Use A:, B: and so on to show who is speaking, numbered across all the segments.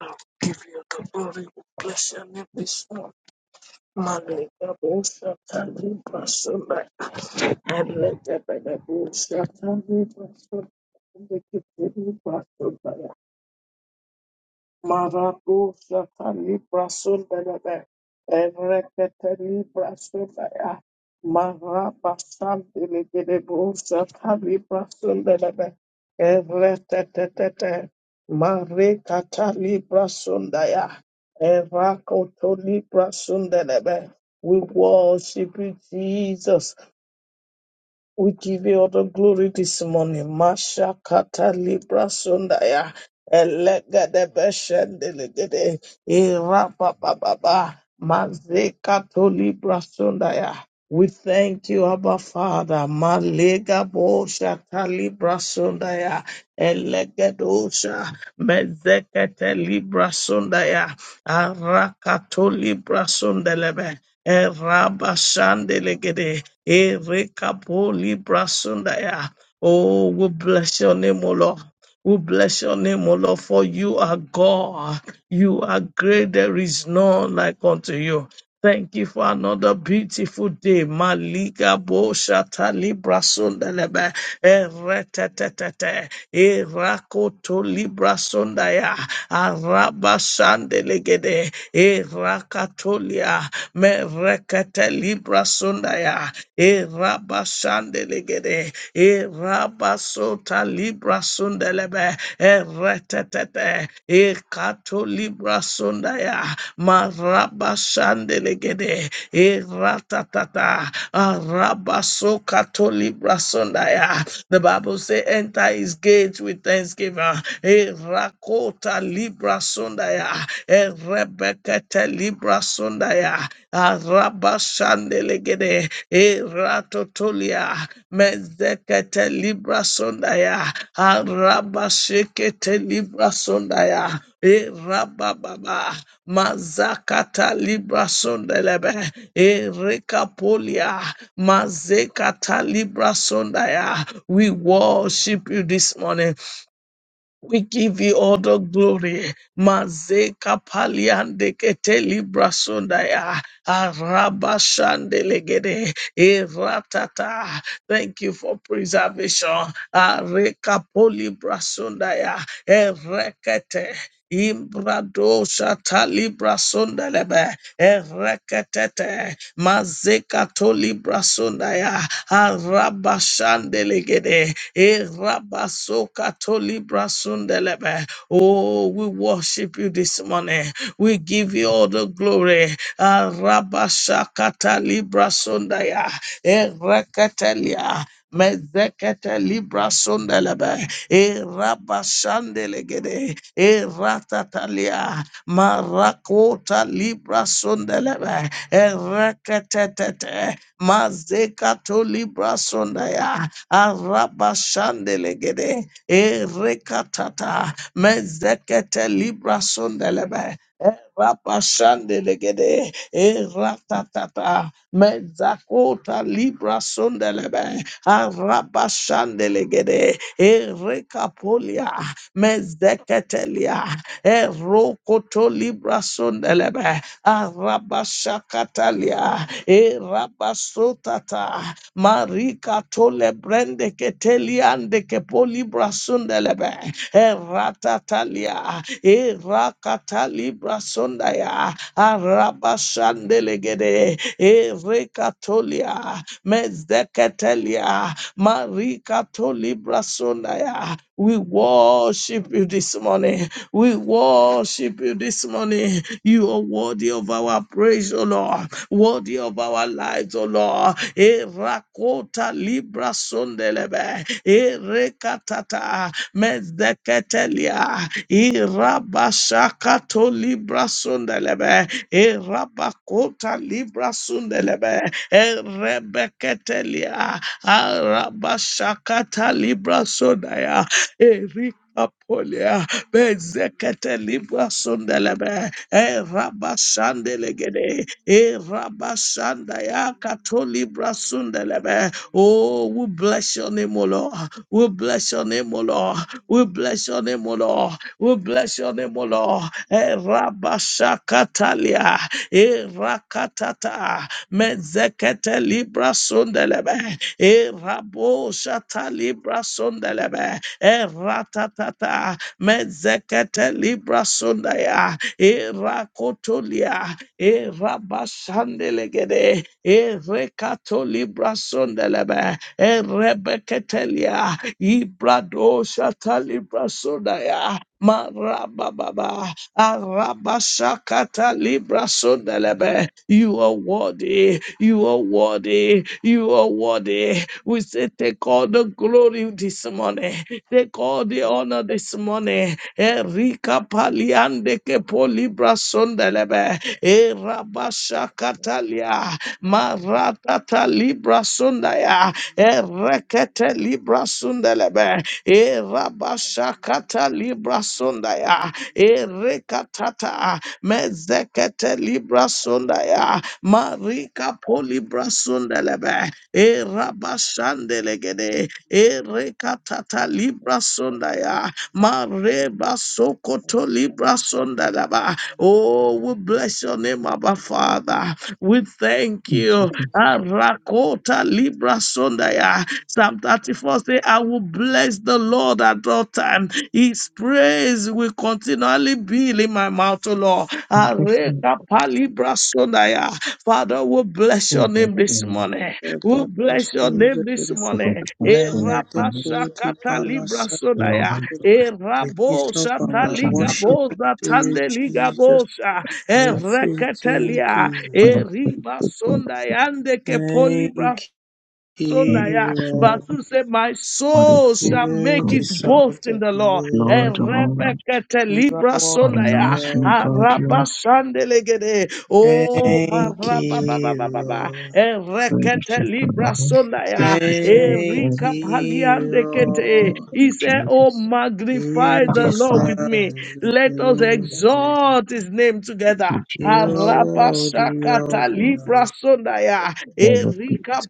A: I'll give you the glory. We bless your name this morning. Malika Bosha Tani Basunda. And let the Bada Bosha Tani Basunda. Marabushata Libra Sundalabe, Erekete Libra Sundaya, Marabasan Dilibushata Libra Sundalabe, Erekete Marekata Libra Sundaya, Erakoto Libra Sundalabe. We worship you, Jesus. We give you all the glory this morning. Masha kata libra sundaya. Elega de beshen delegede. Ira baba. Mazeka to libra sundaya. We thank you, Abba Father. Malega bosha talibra sondaya elegedosha mezekete libra sondaya arakato libra sondelebe eraba shandelegede erekapo libra sondaya. Oh, we bless your name, O Lord. We bless your name, O Lord, for you are God. You are great. There is none like unto you. Thank you for another beautiful day. Maliga bo shata libra sundelebe eretetete erakoto libra sundaya araba sandelegede erakatolia merekete libra sundaya e rabasandelegede e rabasota libra sundelebe e retetete e kato libra sundaya ma rabasandelegede e ratatata a rabaso kato libra sundaya the Bible says, enter his gates with thanksgiving e rakota libra sundaya e rebekete libra sundaya Arabashandelegede, Eratotolia, Mezekete Libra Sondaya, Arabashekete Libra Sondaya, Erababa, Mazakata Libra Sondelebe, Erekapolia, Mazekata Libra Sondaya. We worship you this morning. We give you all the glory. Mazeka paliande keteli brasundaya. Arabashandelegede. Eratata. Thank you for preservation. Areka poli brasundaya. Erekete. Imbrado shata libra sondelebe ereketete mazekato libra sondaya arabashandelegede erabasokato libra sondelebe. Oh, we worship you this morning. We give you all the glory. Arabashakata libra sondaya ereketelia mezekete libra sundelebe e rabashandelegede e ratatalia marakota libra sundelebe e reketetete mazekato libra sundaya arabashandelegede e rekatata mezekete libra sundelebe Rapashandelegede, e ratatata, mezakota libra sondelebe, ah, rapashandelegede, e rekapolia, mezeketelia, e rokoto libra sondelebe, ah, rabashakatalia, eh, rabasotata, marika tole brende keteliande kepolibra sundelebe eratatalia erakataliba sundaya arabashandelegede erekatolia mezdeketelia marikatolibra sundaya we worship you this morning we worship you this morning you are worthy of our our praise, O Lord, worthy of our lives, O Lord. Erakota libra sondelebe, erekatata mezdeketelia, irabashakato libra sondelebe, erabakota libra sondelebe, erebeketelia, arabashakata libra sondaya, Apolia, Bezekete Libra Sundelebe, E Rabashandelegede, E Rabashandaya Kato Libra Sundelebe. Oh, we bless your name, O Lord. We bless your name, O Lord. We bless your name, O Lord. We bless your name, O Lord. E Rabashakatalia, E Rakatata. Mezekete libra sundelebe. E rabo shata libra sundelebe. E ratatata. Mezekete libra sundaya. E rakotolia. E rabashandelegede. E rekato libra sundelebe. E rebeketelia. Ibrado shata libra sundaya. Marababa, Arabashakata Libra Sondelebe. You are worthy, you are worthy, you are worthy. We say, Take all the glory this morning, take all the honor this morning. Erika Paliande Kepo Libra Sondelebe, Erabashakata Sandalia, Maratata Libra Sundaya, Erekete Libra
B: Mm-hmm.
A: Sundelebe,
B: Melody
A: Erabashakata Libra Sundaya, Erekatata, Mezekete Libra Sundaya, Marika Polibra Sundelebe, Erabashandelegede, Ratata Libra Sondaya. Mareba Sokoto Libra Sondalaba. Oh, we bless your name, Abba Father. We thank
C: And so
A: you.
C: this is
A: Arakota Libra Sondaya. Psalm 34 say, I will bless the Lord at all time. His praise will continually be in my mouth, O Lord.
C: Congress and
A: Areka Palibra Sondaya. Father, we bless your
C: Congress
A: name this
C: in
A: morning. We
B: Palace,
A: bless your
B: we
A: name this morning.
C: the
A: E
C: Pastor
A: rabashakata libra sodaya.
C: Lawrence
A: E
B: lift up
A: rabosha
C: and the
B: our
A: taliga
C: Channel Cut
B: worship
A: boza
B: unto you,
A: tande liga
B: Jesus.
A: bosha.
C: Thanks
B: We
A: E
C: to
B: say thank you,
A: reketelia.
C: one
B: Lord.
A: E
C: of the
A: riba
C: people
A: sonda yande ke polibra
B: Thank you.
C: and
A: Sonaya.
B: Hero,
C: the
A: Verse 2 said, My
C: Father
A: soul
C: for
A: shall
B: you
A: make
C: God,
A: its
B: deserve
C: your
A: boast in
B: the
A: the Lord.
C: Lord
A: And
C: of
B: glory.
C: all love,
A: Rebecca
B: You are
A: Libra
C: Father
B: worthy,
A: Sonaya.
C: Nelson,
B: Lord.
C: God,
A: Araba
C: your
A: Sandelegede.
C: and
A: Oh,
B: Thank
C: Jesus,
B: you,
A: Marababa.
B: Lord.
A: And
C: Lady
A: Rekete
C: Sister
A: Libra
C: Lawrence,
A: Sonaya.
C: every single
B: Thank
A: Erika
C: praise,
B: you,
A: Paliande
C: for the name
A: Kete.
B: Lord.
C: of
A: He said, Oh,
C: Jesus,
A: magnify
B: You
A: the
C: Abba
A: Lord
C: Father,
A: with me
B: deserve the
A: let us
D: Thank
B: glory.
A: exalt his name
C: thank
A: together.
C: you,
B: You are
C: Jesus,
B: worthy
C: thank
A: Arabashakata
B: of it,
C: you, Jesus,
A: libra
B: Lord.
A: sondaya.
C: Blessed be
A: Erika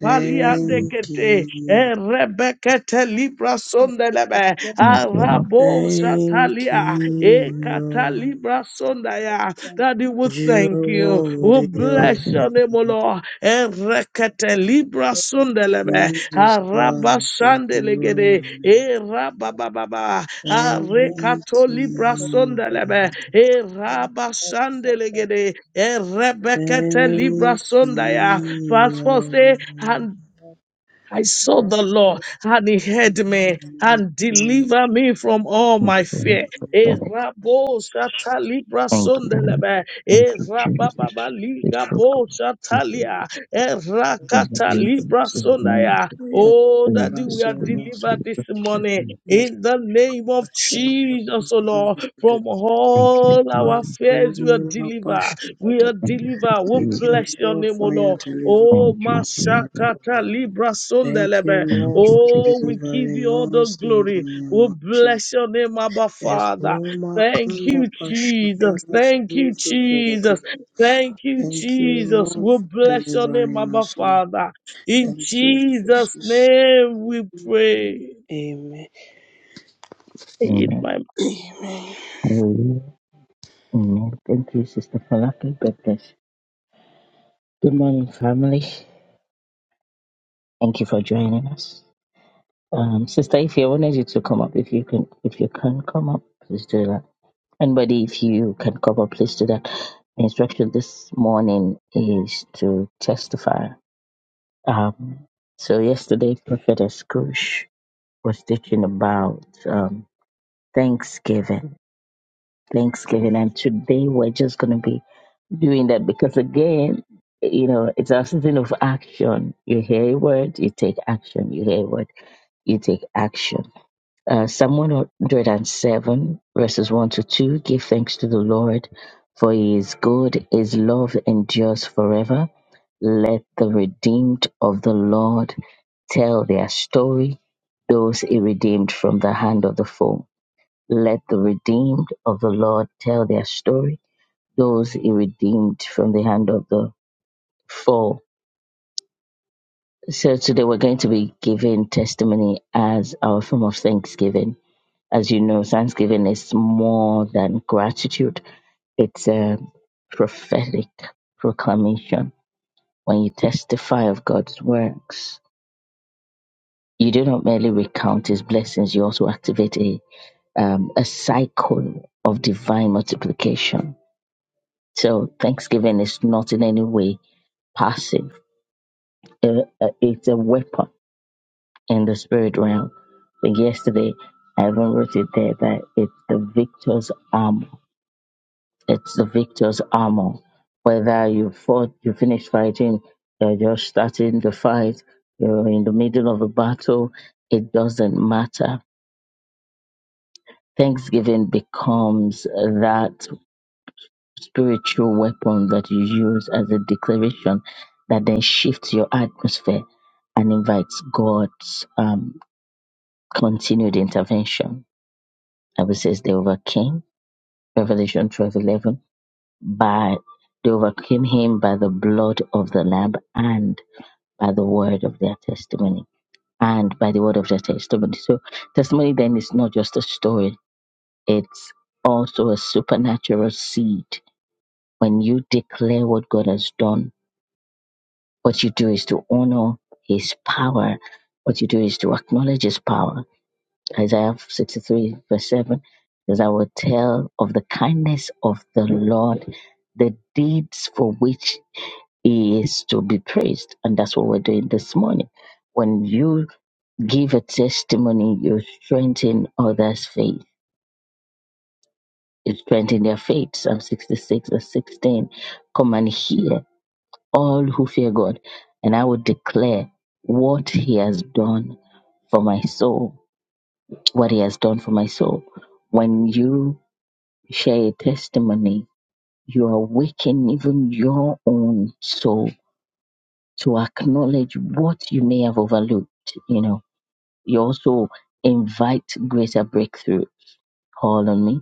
C: the name
B: Thank
A: paliandekete.
B: you.
A: Erebekete libra sondelebe.
C: of the Lord.
A: Arabo
B: Thank
A: shatalia.
B: you,
A: Ekata
B: Lord.
A: libra sondaya. That He will
B: You
A: thank
B: are
A: you. We
B: worthy
C: Thank you,
B: of
A: bless
C: Jesus.
A: your
B: it,
A: name, O
B: Lord.
A: Lord. Erekete libra sundelebe.
B: You
A: Araba
B: deserve the
A: sandelegede.
B: glory.
A: Erabababa.
B: Thank you.
A: Arekato libra sundelebe. Eraba sandelegede. Erebekete libra
B: Thank
A: sundaya.
B: you.
A: Verse 4 say,
B: Lord.
A: and I saw the Lord,
D: you.
A: and He heard me and delivered me from all
C: Thank
A: my
C: you,
A: fear. Eh,
C: Lord.
A: rabo shata libra
C: Thank you.
A: sondelebe.
C: Thank
A: Eh,
C: you, Jesus.
A: rabababa
C: It's
A: liga
C: for
A: bo shata
C: secret
A: lia. Eh,
C: for the
A: rakata
B: Jesus.
C: reason
A: libra
C: for the man
A: sondaya.
B: We are
A: Oh,
C: for your
A: Daddy, we
B: blessed, O
A: are
B: Lord.
C: consistency
A: delivered this
C: of
A: morning
C: shepherd.
B: Bless
A: in the name
B: our
A: of
B: shares of the
A: Jesus, oh Lord.
B: Lord.
A: From
C: Thank you,
A: all
B: My
A: our
C: Jesus.
A: fears, we are
B: Only my
A: delivered.
B: passion that
A: We
B: I
A: are
C: Thank
A: delivered.
C: you,
A: We
B: thank you,
C: Jesus.
A: bless your
B: Lord,
A: name, O
B: for
A: Lord.
B: your deliverance
A: Oh,
C: Thank you,
B: of our life,
C: Jesus.
B: O
A: Mashakata
B: Lord.
A: Libra
B: Thank you,
A: Sundelebe.
C: Thank
B: Lord,
C: you,
B: for
A: Oh, we
C: Jesus.
A: give
B: delivering
A: you all the
B: us in the
A: glory. We
B: name of Jesus.
A: bless your name, Abba Father.
B: Esuma
A: Thank
B: kanda
A: you, Jesus.
B: pashatala
A: Thank
B: suzu
A: you, Jesus.
B: zerekere.
A: Thank you,
B: Thank you,
A: Jesus.
B: Lord,
A: We
B: for
A: bless your name,
B: delivering
A: Abba
B: us. Lord.
A: Father. In
B: Thank you,
A: Jesus'
B: Jesus.
A: name we pray.
B: Amen.
A: I eat
C: Amen.
A: my-
B: Amen.
C: Hallelujah. Amen. Thank you, Sister Falaki. God bless. Good morning, family. Thank you for joining us. Um, Sister, if you wanted you to come up, if you can, if you can come up, please do that. Anybody, if you can come up, please do that. The instruction this morning is to testify. Um, so yesterday, Prophetess Kush was teaching about um, Thanksgiving. Thanksgiving, and today we're just going to be doing that because again, you know, it's a season of action. You hear a word, you take action. You hear a word, you take action. Uh, Psalm 107, verses 1 to 2 Give thanks to the Lord, for he is good, his love endures forever. Let the redeemed of the Lord tell their story, those he redeemed from the hand of the foe. Let the redeemed of the Lord tell their story, those he redeemed from the hand of the foe. So today we're going to be giving testimony as our form of thanksgiving As you know, Thanksgiving is more than gratitude, it's a prophetic proclamation. When you testify of God's works, you do not merely recount his blessings, you also activate a, um, a cycle of divine multiplication. So, Thanksgiving is not in any way passive, Uh, uh, it's a weapon in the spirit realm. I think yesterday I even wrote it there that it's the victor's armor It's the victor's armor. Whether you fought, you finished fighting, you're just starting the fight, you're in the middle of a battle, it doesn't matter. Thanksgiving becomes that spiritual weapon that you use as a declaration that then shifts your atmosphere and invites God's um, continued intervention. I will say they overcame. Revelation 12:11 but they overcame him by the blood of the lamb and by the word of their testimony and by the word of their testimony so testimony then is not just a story it's also a supernatural seed when you declare what god has done what you do is to honor his power what you do is to acknowledge his power isaiah 63 verse 7 says i will tell of the kindness of the lord the deeds for which He is to be praised. And that's what we're doing this morning. When you give a testimony, you strengthen others' faith. You strengthen their faith. Psalm 66 verse 16. Come and hear all who fear God. And I will declare what he has done for my soul. What he has done for my soul. When you share a testimony, you awaken even your own soul to acknowledge what you may have overlooked, you know You also invite greater breakthrough. Call on me.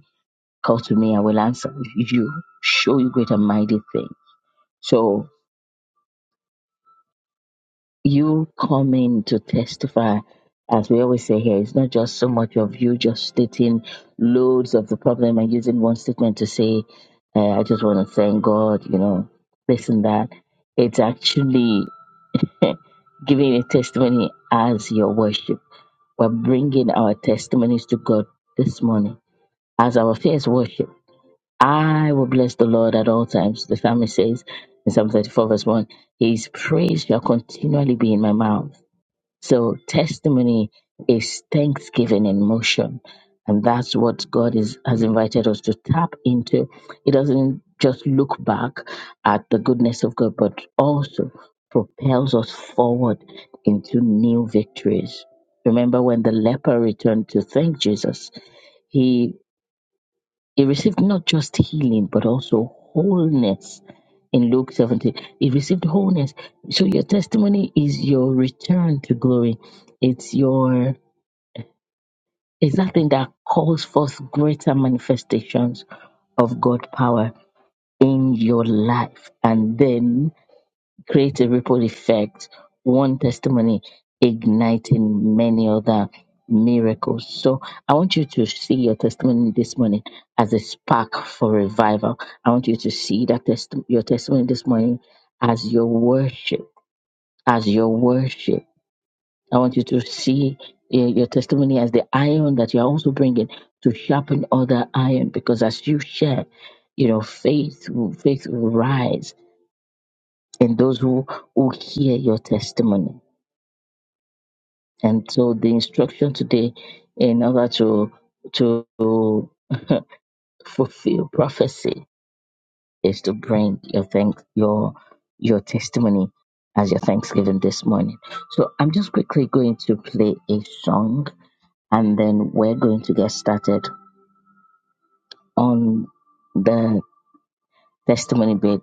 C: Call to me. I will answer you. Show you great and mighty thing. So you come in to testify. As we always say here, it's not just so much of you just stating loads of the problem and using one statement to say, uh, I just want to thank God, you know, this and that. It's actually giving a testimony as your worship. We're bringing our testimonies to God this morning as our first worship. I will bless the Lord at all times. The family says in Psalm 34, verse 1, His praise shall continually be in my mouth. So testimony is thanksgiving in motion. And that's what God is, has invited us to tap into. It doesn't just look back at the goodness of God, but also propels us forward into new victories. Remember when the leper returned to thank Jesus? He received not just healing, but also wholeness in Luke 17. He received wholeness. So your testimony is your return to glory. It's your it's that thing that calls forth greater manifestations of God power in your life. And then creates a ripple effect, one testimony igniting many other miracles. So I want you to see your testimony this morning as a spark for revival. I want you to see that test- your testimony this morning as your worship, as your worship. I want you to see uh, your testimony as the iron that you are also bringing to sharpen other iron because as you share, you know, faith will, faith will rise and those who, who hear your testimony. And so the instruction today in order to to fulfill prophecy is to bring your thank your your testimony as your thanksgiving this morning. So I'm just quickly going to play a song and then we're going to get started on the testimony bit.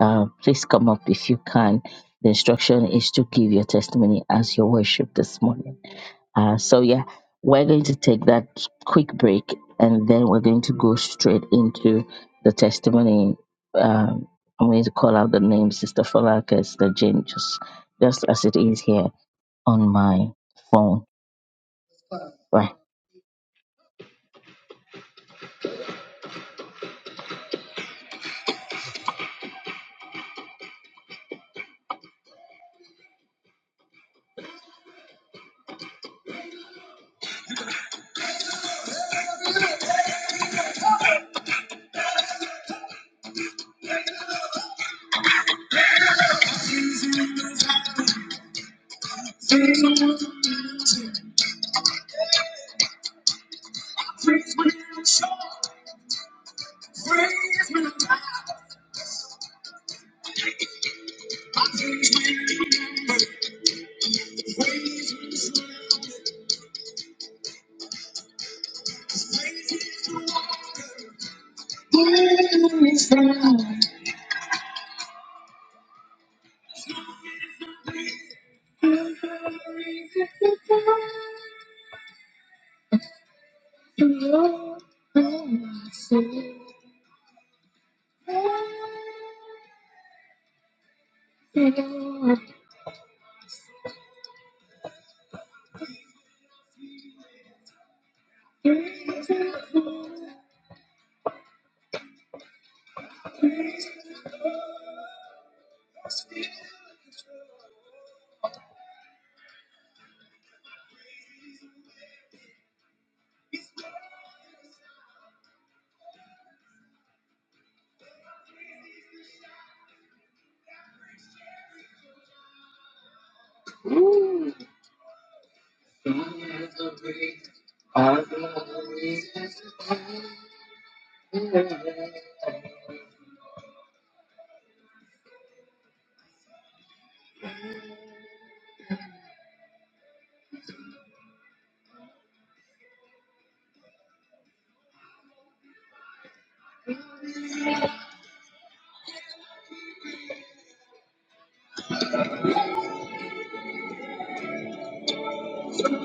C: Uh, please come up if you can. The instruction is to give your testimony as your worship this morning. Uh, so, yeah, we're going to take that quick break and then we're going to go straight into the testimony. Um, I'm going to call out the name Sister Falaka, Sister Jane, just, just as it is here on my phone. Right.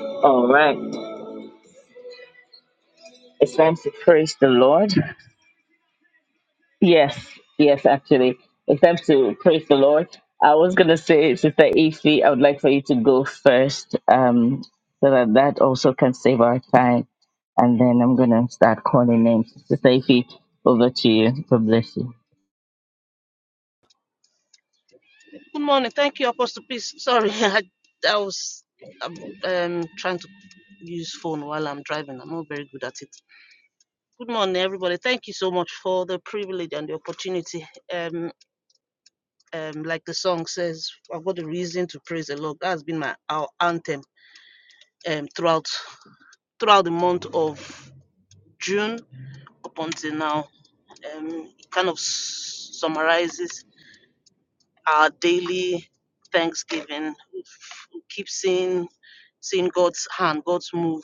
C: All right. It's time to praise the Lord. Yes, yes, actually. It's time to praise the Lord. I was going to say, Sister Ife, I would like for you to go first um, so that that also can save our time. And then I'm going to start calling names. Sister Ife, over to you. God bless you.
E: Good morning. Thank you, Apostle Peace. Sorry, I, I was um, um, trying to use phone while I'm driving. I'm not very good at it. Good morning, everybody. Thank you so much for the privilege and the opportunity. Um, um, like the song says, I've got a reason to praise the Lord. That's been my our anthem um, throughout throughout the month of June up until now. Um, it kind of s- summarizes our daily thanksgiving. Keep seeing seeing God's hand, God's move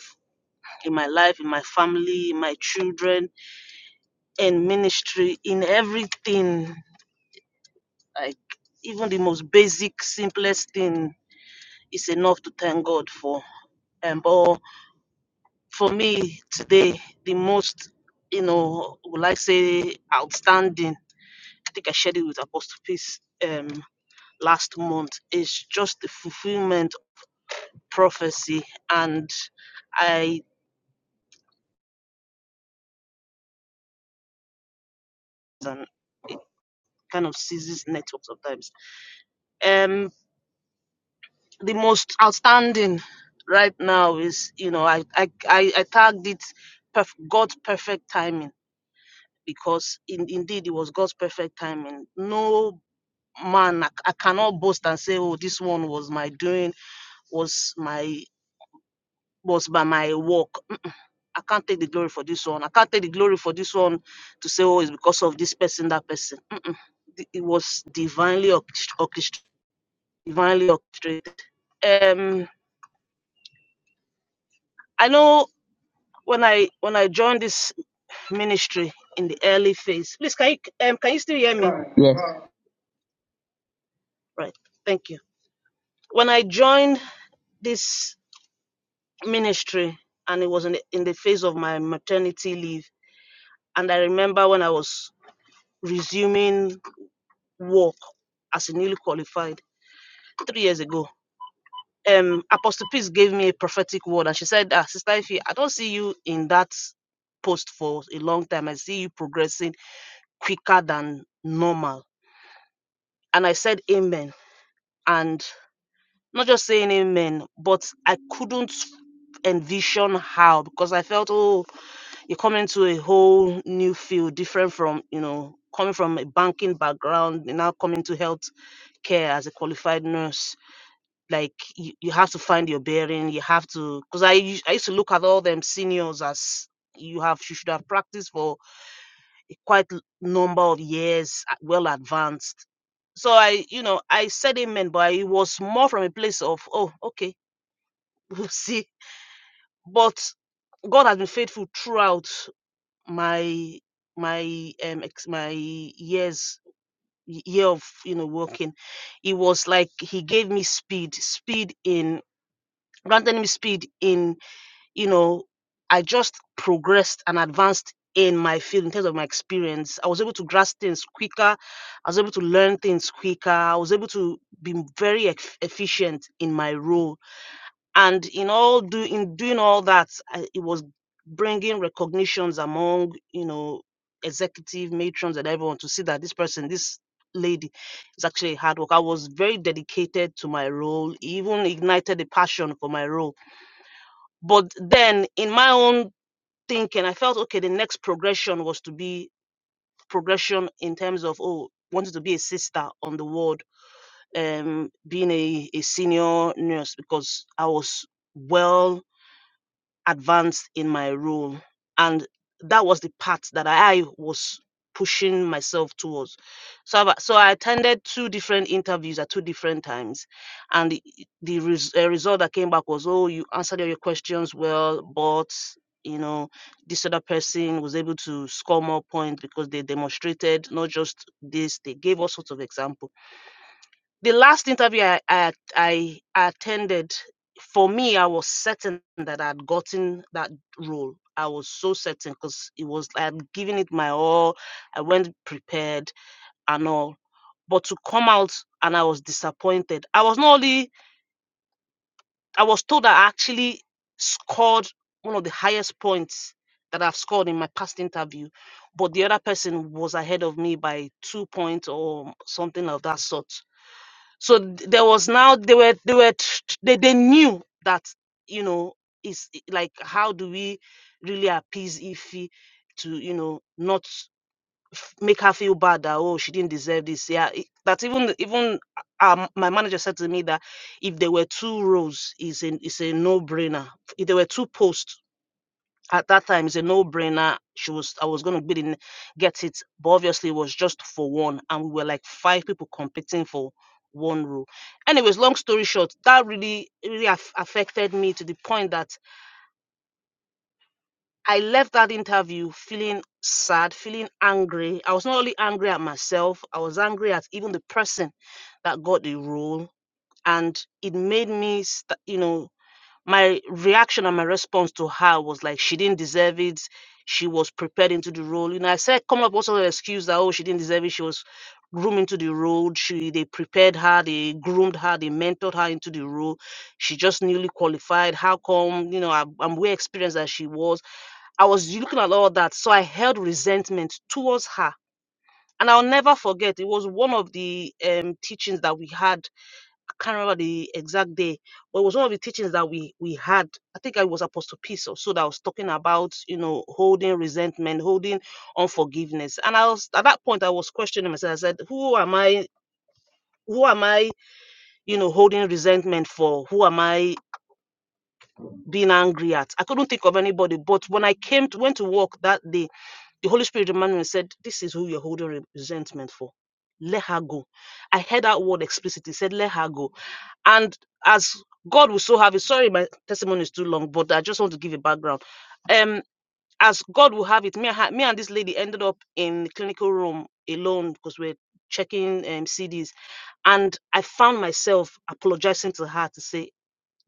E: in my life, in my family, in my children, in ministry, in everything. Like even the most basic, simplest thing is enough to thank God for. And but for me today, the most you know, will I say outstanding? I think I shared it with Apostle Peace um, last month. Is just the fulfillment prophecy and I it kind of seizes network sometimes. Um the most outstanding right now is you know I I I, I tagged it perf- God's perfect timing because in, indeed it was God's perfect timing. No man I, I cannot boast and say oh this one was my doing was my was by my work I can't take the glory for this one. I can't take the glory for this one to say, oh, it's because of this person, that person. Mm-mm. The- It was divinely orchest- orchest- divinely orchestrated. Um, I know when I when I joined this ministry in the early phase. Please, can you um, can you still hear me?
C: Yes,
E: Right. Thank you. When I joined this ministry, and it was in the, in the phase of my maternity leave, and I remember when I was resuming work as a newly qualified three years ago um Apostle Peace gave me a prophetic word and she said, ah, Sister Ife, I don't see you in that post for a long time. I see you progressing quicker than normal. And I said amen. And not just saying amen, but I couldn't envision how because I felt, oh, you're coming to a whole new field, different from, you know, coming from a banking background, you're now coming to health care as a qualified nurse like you, you have to find your bearing you have to because I, us- I used to look at all them seniors as you have you should have practiced for a quite l- number of years uh, well advanced so i you know i said amen but it was more from a place of oh okay we'll see but god has been faithful throughout my my um ex- my years y- year of you know working it was like he gave me speed speed in granted me speed in you know, I just progressed and advanced in my field in terms of my experience. I was able to grasp things quicker. I was able to learn things quicker. I was able to be very eff- efficient in my role. And in all do in doing all that, I, it was bringing recognitions among you know executive matrons and everyone to see that this person, this lady, is actually a hard work. I was very dedicated to my role. Even ignited a passion for my role but then in my own thinking, I felt okay, the next progression was to be progression in terms of oh, wanted to be a sister on the ward, um, being a, a senior nurse because I was well advanced in my role. And that was the part that I was pushing myself towards. So, I've- so I attended two different interviews at two different times. And the, the res, uh, result that came back was, oh, you answered all your questions well, but, you know, this other person was able to score more points because they demonstrated not just this, they gave all sorts of examples the last interview I, I I attended, for me, I was certain that I'd gotten that role. I was so certain because it was I had given it my all. I went prepared and all, but to come out and I was disappointed. I was not only I was told I actually scored one of the highest points that I've scored in my past interview, but the other person was ahead of me by two points or something of that sort so th- there was now they were they were tr- tr- they, they knew that you know it's i- like how do we really appease Ify to you know not f- make her feel bad that oh she didn't deserve this yeah it, that even even um, my manager said to me that if there were two rows is a is a no brainer if there were two posts at that time it's a no-brainer she was i was going to bid in get it but obviously it was just for one and we were like five people competing for one row anyways long story short that really really aff- affected me to the point that i left that interview feeling sad feeling angry i was not only angry at myself i was angry at even the person that got the role and it made me st- you know my reaction and my response to her was like she didn't deserve it she was prepared into the role you know i said come up with also an excuse that oh she didn't deserve it she was groomed into the role she they prepared her they groomed her they mentored her into the role she just newly qualified how come you know i'm, I'm way experienced as she was i was looking at all that so i held resentment towards her and i'll never forget it was one of the um, teachings that we had can't remember the exact day, but it was one of the teachings that we we had. I think I was Apostle Peace or so that was talking about, you know, holding resentment, holding unforgiveness. And I was at that point I was questioning myself. I said, Who am I? Who am I, you know, holding resentment for? Who am I being angry at? I couldn't think of anybody. But when I came to went to work that day, the Holy Spirit reminded me and said, This is who you're holding re- resentment for. Let her go. I heard that word explicitly. Said, let her go And as God will so have it, sorry, my testimony is too long, but I just want to give a background. Um, as God will have it, me, and me and this lady ended up in the clinical room alone because we're checking um, CDs. And I found myself apologizing to her to say,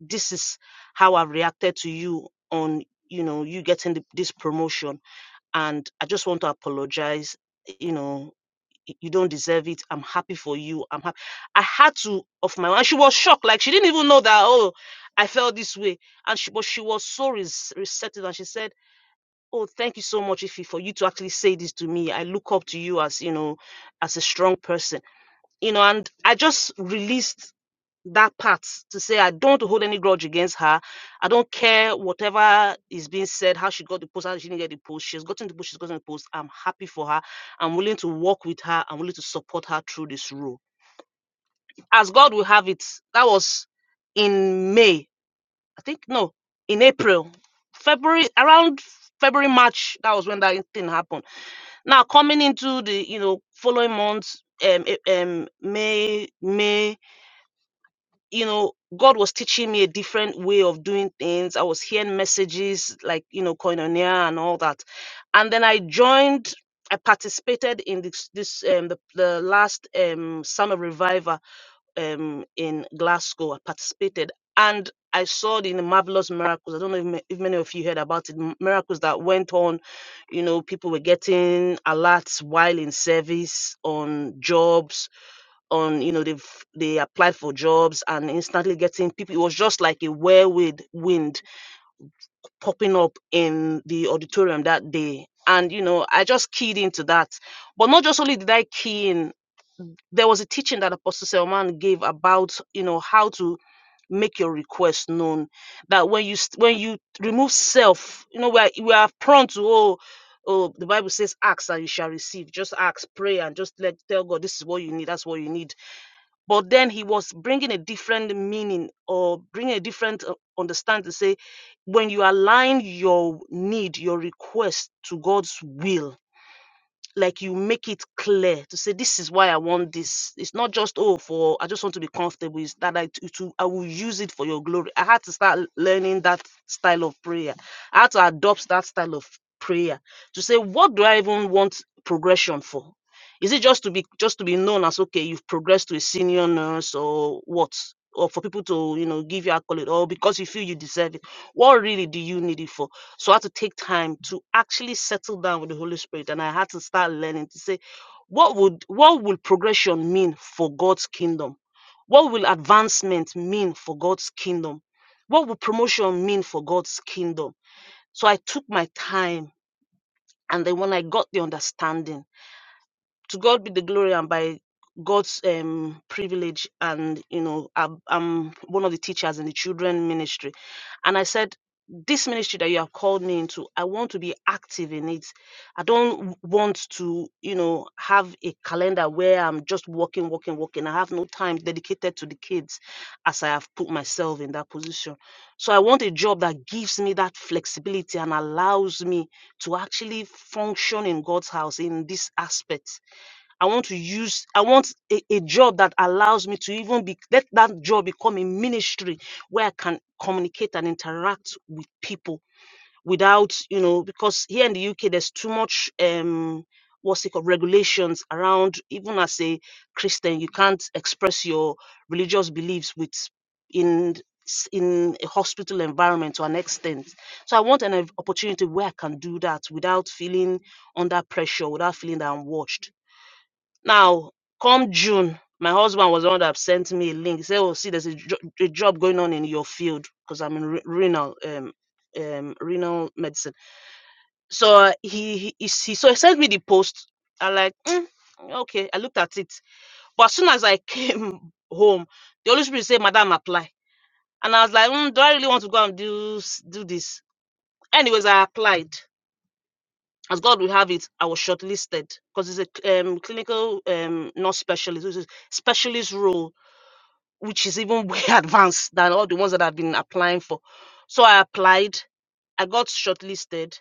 E: This is how I've reacted to you on, you know, you getting the, this promotion. And I just want to apologize, you know y- you don't deserve it. I'm happy for you. I'm happy. I had to of my own. and She was shocked. Like she didn't even know that. Oh, I felt this way. And she, but she was so res- receptive. And she said, "Oh, thank you so much, Ife, for you to actually say this to me. I look up to you as you know, as a strong person. You know." And I just released that part to say I don't hold any grudge against her. I don't care whatever is being said, how she got the post, how she didn't get the post. She's gotten the post, she's gotten the post. I'm happy for her. I'm willing to work with her. I'm willing to support her through this role. As God will have it, that was in May. I think no, in April. February around February, March, that was when that thing happened. Now coming into the, you know, following months, um, eh, um May, May you know, God was teaching me a different way of doing things. I was hearing messages like, you know, koinonia and all that. And then I joined, I participated in this, this um, the, the last um, summer revival um, in Glasgow. I participated and I saw the marvelous miracles. I don't know if, ma- if many of you heard about it, m- miracles that went on. You know, people were getting alerts while in service on jobs on you know they've they applied for jobs and instantly getting people it was just like a whirlwind wind popping up in the auditorium that day and you know i just keyed into that but not just only did i key in there was a teaching that apostle selman gave about you know how to make your request known that when you st- when you remove self you know we are, we are prone to oh oh the bible says ask and you shall receive just ask pray and just let tell god this is what you need that's what you need but then he was bringing a different meaning or bringing a different uh, understanding to say, when you align your need, your request to God's will, like you make it clear to say this is why I want this. It's not just oh for I just want to be comfortable. It's that I to, to I will use it for your glory. I had to start learning that style of prayer. I had to adopt that style of prayer to say what do I even want progression for? Is it just to be just to be known as okay you've progressed to a senior nurse or what? Or for people to you know give you accolade or because you feel you deserve it. What really do you need it for? So I had to take time to actually settle down with the Holy Spirit. And I had to start learning to say, what would what will progression mean for God's kingdom? What will advancement mean for God's kingdom? What will promotion mean for God's kingdom? So I took my time and then when I got the understanding, to God be the glory and by God's um, privilege and you know I'm, I'm one of the teachers in the children ministry and I said this ministry that you have called me into I want to be active in it I don't w- want to you know have a calendar where I'm just working working working I have no time dedicated to the kids as I have put myself in that position so I want a job that gives me that flexibility and allows me to actually function in God's house in this aspect I want to use, I want a, a job that allows me to even be, let that job become a ministry where I can communicate and interact with people without, you know, because here in the UK, there's too much, um, what's it called, regulations around, even as a Christian, you can't express your religious beliefs with, in, s- in a hospital environment to an extent. So I want an opportunity where I can do that without feeling under pressure, without feeling that I'm watched now, come June, my husband was the one that sent me a link. He said, "Oh, see, there's a, jo- a job going on in your field because I'm in re- renal, um, um, renal medicine." So uh, he, he he he- so he sent me the post. I like, "Mm, okay. I looked at it, but as soon as I came home, the Holy Spirit said, "Madam, apply." And I was like, mm, "Do I really want to go and do s- do this?" Anyways, I applied. As God will have it, I was shortlisted because it's a cl- um, clinical um, nurse specialist, which is specialist role which is even way advanced than all the ones that I've been applying for. So I applied, I got shortlisted.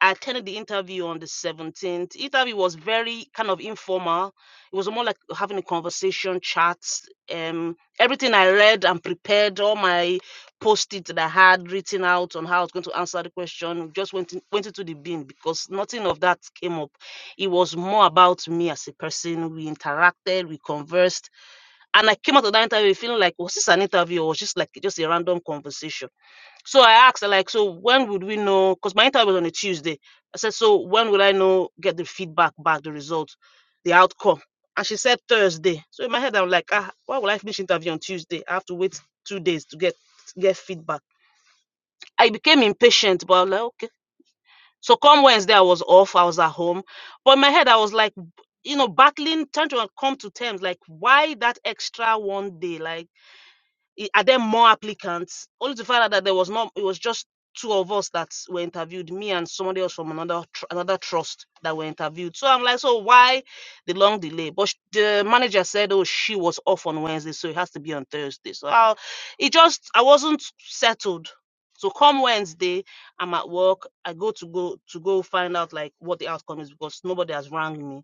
E: I attended the interview on the 17th. interview was very kind of informal. It was more like having a conversation, chats. Um, everything I read and prepared, all my post-it that I had written out on how I was going to answer the question, just went in, went into the bin because nothing of that came up. It was more about me as a person. We interacted, we conversed and I came out of that interview feeling like, was this an interview or was just like just a random conversation? So I asked, like, so when would we know? Because my interview was on a Tuesday. I said, so when will I know, get the feedback back, the result, the outcome? And she said Thursday. So in my head, I'm like, ah, why will I finish interview on Tuesday? I have to wait two days to get to get feedback. I became impatient, but I was like, okay. So come Wednesday, I was off. I was at home. But in my head, I was like, you know, battling, trying to come to terms, like, why that extra one day? Like, i- are there more applicants? Only to find out that there was not. It was just two of us that were interviewed, me and somebody else from another tr- another trust that were interviewed. So I'm like, so why the long delay? But sh- the manager said, oh, she was off on Wednesday, so it has to be on Thursday. So I, it just I wasn't settled. So come Wednesday, I'm at work. I go to go to go find out like what the outcome is because nobody has rang me.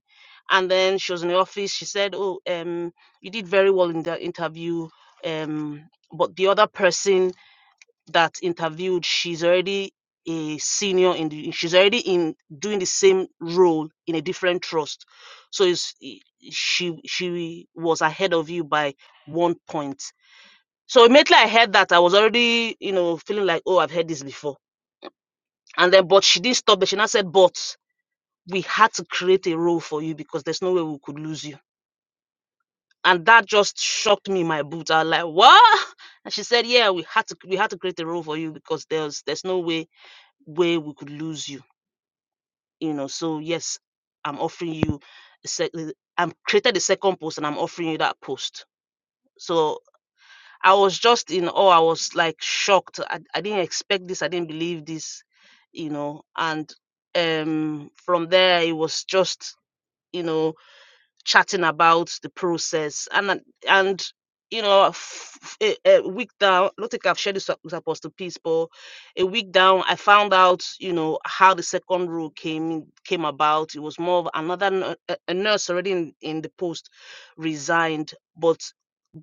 E: And then she was in the office. She said, "Oh, um, you did very well in the interview um, but the other person that interviewed, she's already a senior in the, she's already in doing the same role in a different trust. So it's, i- she she was ahead of you by one point. So immediately I heard that I was already, you know, feeling like, oh, I've heard this before. And then, but she didn't stop. But she now said, but we had to create a role for you because there's no way we could lose you. and that just shocked me in my boots. I was like, "What?" And she said, "Yeah, we had to we had to create a role for you because there's there's no way way we could lose you, you know. So yes, I'm offering you a sec- I'm created a second post and I'm offering you that post. So I was just in awe. I was like shocked. I, I didn't expect this. I didn't believe this, you know. And um, from there, it was just you know chatting about the process and and you know a a week down i don't think i've shared this with apostle peace but a week down i found out you know how the second rule came came about it was more of another a nurse already in, in the post resigned but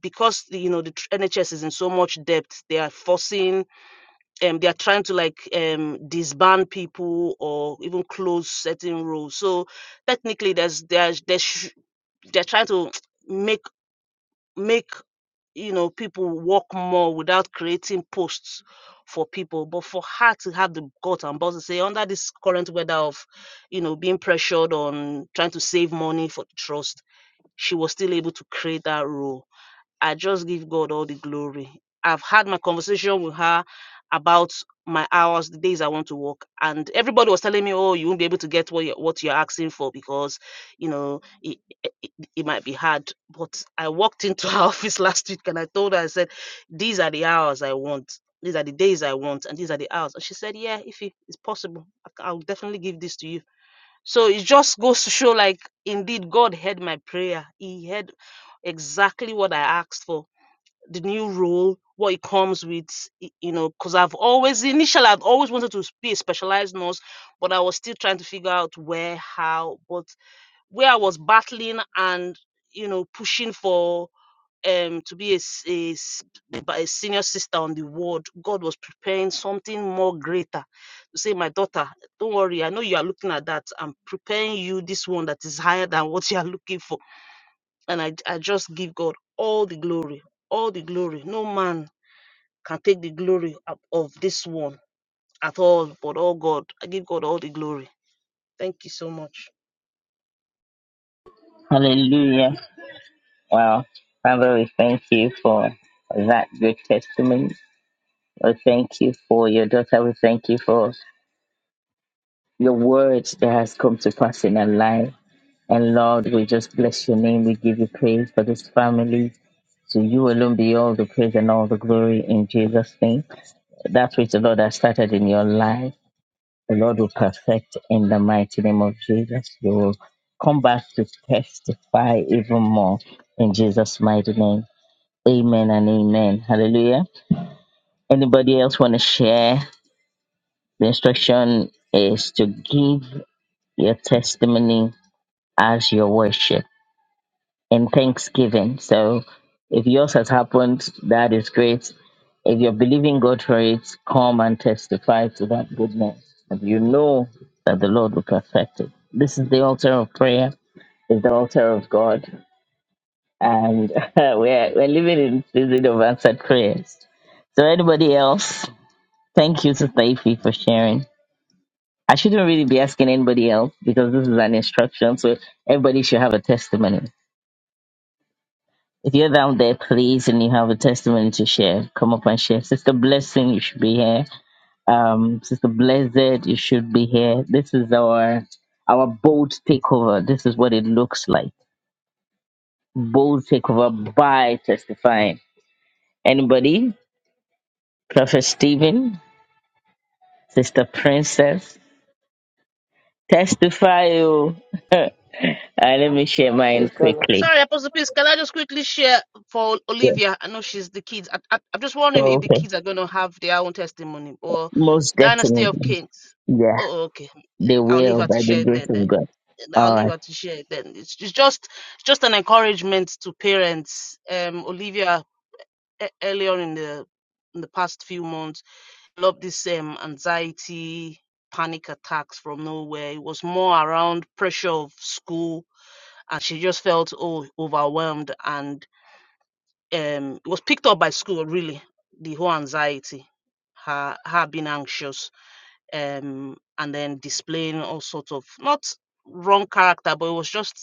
E: because the, you know the nhs is in so much debt they are forcing um they are trying to like um disband people or even close certain roles so technically there's there's there sh- they're trying to make make you know people work more without creating posts for people but for her to have the gut and balls to say under this current weather of you know being pressured on trying to save money for the trust she was still able to create that role I just give God all the glory. I've had my conversation with her about my hours, the days I want to work, and everybody was telling me, "Oh, you won't be able to get what you're, what you're asking for because, you know, it, it, it might be hard." But I walked into her office last week and I told her, I said, "These are the hours I want. These are the days I want, and these are the hours." And she said, "Yeah, if it- it's possible, I c- I'll definitely give this to you." So it just goes to show, like, indeed, God heard my prayer. He heard exactly what I asked for the new role, what it comes with, you know, because I've always initially I've always wanted to be a specialized nurse, but I was still trying to figure out where, how, but where I was battling and you know pushing for um to be a a, a senior sister on the ward, God was preparing something more greater. To say, my daughter, don't worry, I know you are looking at that. I'm preparing you this one that is higher than what you are looking for, and I I just give God all the glory all the glory. No man can take the glory of of this one at all, but oh God, I give God all the glory. Thank you so much.
C: hallelujah. Wow. Father, we thank you for that good testimony. We thank you for your daughter. We thank you for your words that has come to pass in her life. And Lord, we just bless your name. We give you praise for this family. So you alone be all the praise and all the glory in Jesus' name. That which the Lord has started in your life, the Lord will perfect in the mighty name of Jesus. You will come back to testify even more in Jesus' mighty name. Amen and amen. Hallelujah. Anybody else want to share? The instruction is to give your testimony as your worship and thanksgiving. So if yours has happened, that is great. If you're believing God for it, come and testify to that goodness. And you know that the Lord will perfect it. This is the altar of prayer, is the altar of God. And we're, we're living in season of answered prayers. So anybody else, thank you to Taifi for sharing. I shouldn't really be asking anybody else because this is an instruction. So everybody should have a testimony. If you're down there, please, and you have a testimony to share, come up and share. Sister Blessing, you should be here. Um, Sister Blessed, you should be here. This is our our bold takeover. This is what it looks like. Bold takeover by testifying. Anybody? Prophet Stephen, Sister Princess, testify you. uh, let me share mine
B: Praise the Lord.
C: quickly.
E: Sorry, Apostle Peace, can I just quickly share for
C: Yeah.
E: Olivia? I know she's the kids. I, I, I'm just wondering if the
C: Okay.
E: kids are going to have their own testimony or
C: Most
E: Dynasty of
C: definitely.
E: Kings.
C: Yeah,
E: Oh, okay.
C: they
E: I'll leave
C: will
E: her to
C: by the
E: share it
C: grace
E: then. then.
C: of God. All
E: I'll
C: right.
E: leave her to share it then. It's, it's just it's just an encouragement to parents. Um, Olivia, e- earlier in the in the past few months. developed this um, anxiety panic attacks from nowhere it was more around pressure of school and she just felt oh overwhelmed and um it was picked up by school really the whole anxiety her her being anxious um and then displaying all sorts of not wrong character but it was just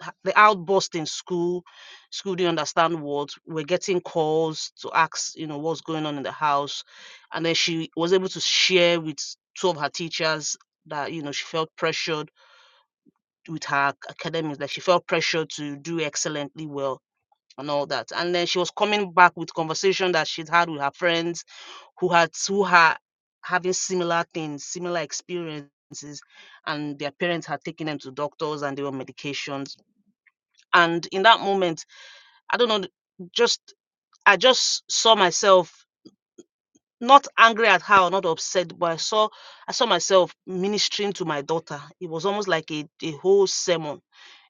E: ha- the outburst in school school didn't understand what we're getting calls to ask you know what's going on in the house and then she was able to share with two of her teachers that you know she felt pressured with her academics that she felt pressured to do excellently well and all that and then she was coming back with conversation that she'd had with her friends who had who had having similar things similar experiences and their parents had taken them to doctors and they were medications and in that moment I don't know, th- just I just saw myself not angry at her, or not upset, but I saw I saw myself ministering to my daughter. It was almost like a, a whole sermon,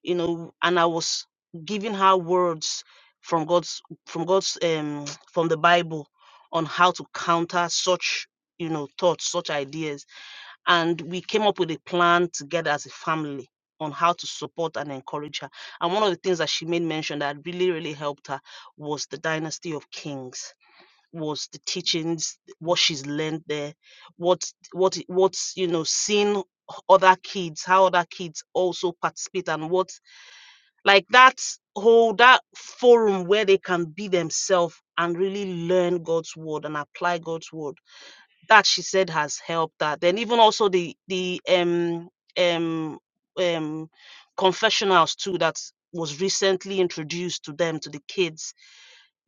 E: you know, and I was giving her words from God's from God's um from the Bible on how to counter such you know thoughts, such ideas and we came up with a plan together as a family on how to support and encourage her. And one of the things that she made mention that really, really helped her was the Dynasty of Kings, was the teachings, what she's learned there, what what what's you know seeing other kids, how other kids also participate and what like that whole that forum where they can be themselves and really learn God's word and apply God's word that she said has helped that then even also the the um um um confessionals too that was recently introduced to them to the kids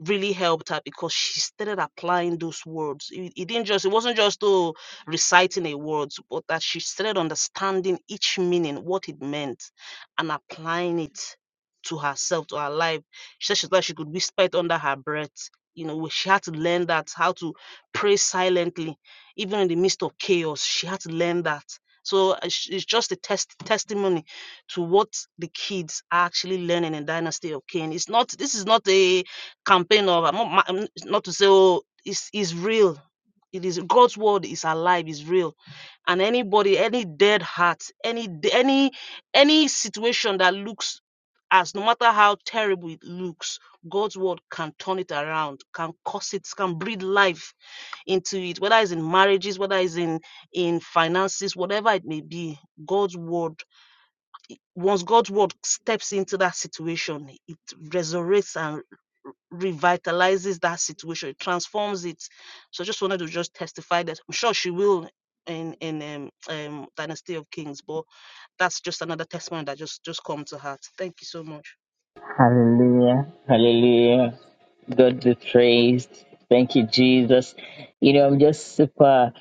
E: really helped her because she started applying those words. It, it didn't just, it wasn't just oh, reciting a words, but that she started understanding each meaning, what it meant, and applying it to herself, to her life. She said she thought she could whisper it under her breath. You know, she had to learn that how to pray silently, even in the midst of chaos. She had to learn that. So uh, it's it's just a test testimony to what the kids are actually learning in Dynasty of Cain. It's not. This is not a campaign of I'm not, ma- not to say oh it's is real it is god's word is alive is real and anybody any dead heart any d- any any situation that looks as no matter how terrible it looks god's word can turn it around can cause it can breathe life into it whether it's in marriages whether it's in in finances whatever it may be god's word once god's word steps into that situation it resurrects and revitalizes that situation, it transforms it. So I just wanted to just testify that I'm sure she will in in um, um Dynasty of Kings, but that's just another testimony that just just come to heart. Thank you so much.
C: Hallelujah. Hallelujah. God be praised. Thank you, Jesus. You know, I'm just super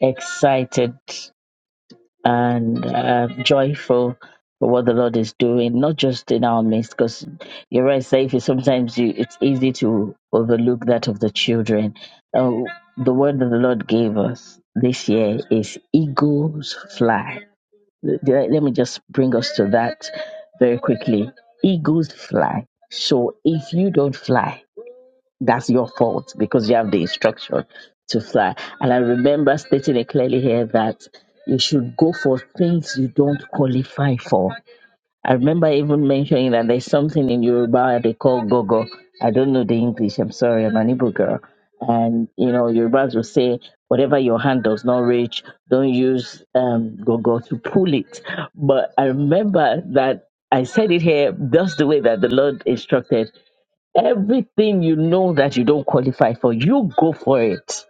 C: excited and uh, joyful for what the Lord is doing, not just in our midst, because you're right, Safi, sometimes you, it's easy to overlook that of the children. Uh, the word that the Lord gave us this year is eagles fly let, let me just bring us to that very quickly. Eagles fly. So if you don't fly, that's your fault because you have the instruction to fly. And I remember stating it clearly here that you should go for things you don't qualify for. I remember even mentioning that there's something in Yoruba they call gogo. I don't know the English. I'm sorry, I'm an Igbo girl. And you know, Yorubas will say, whatever your hand does not reach, don't use um, gogo to pull it. But I remember that I said it here just the way that the Lord instructed. Everything you know that you don't qualify for, you go for it.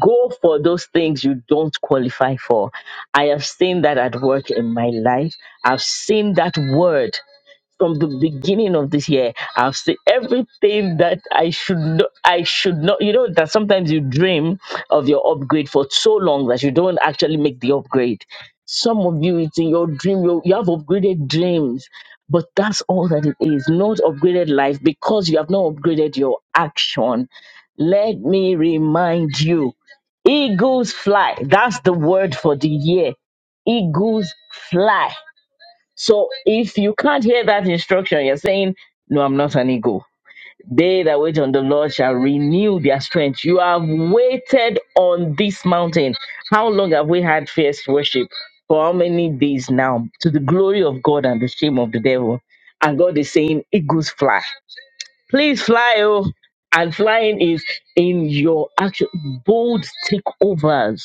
C: Go for those things you don't qualify for. I have seen that at work in my life. I've seen that word from the beginning of this year i've seen everything that i should not i should not you know that sometimes you dream of your upgrade for so long that you don't actually make the upgrade some of you it's in your dream you, you have upgraded dreams but that's all that it is not upgraded life because you have not upgraded your action let me remind you eagles fly that's the word for the year eagles fly so if you can't hear that instruction, you're saying, No, I'm not an ego. They that wait on the Lord shall renew their strength. You have waited on this mountain. How long have we had fierce worship? For how many days now? To the glory of God and the shame of the devil. And God is saying, Eagles fly. Please fly, oh. And flying is in your action. Bold takeovers.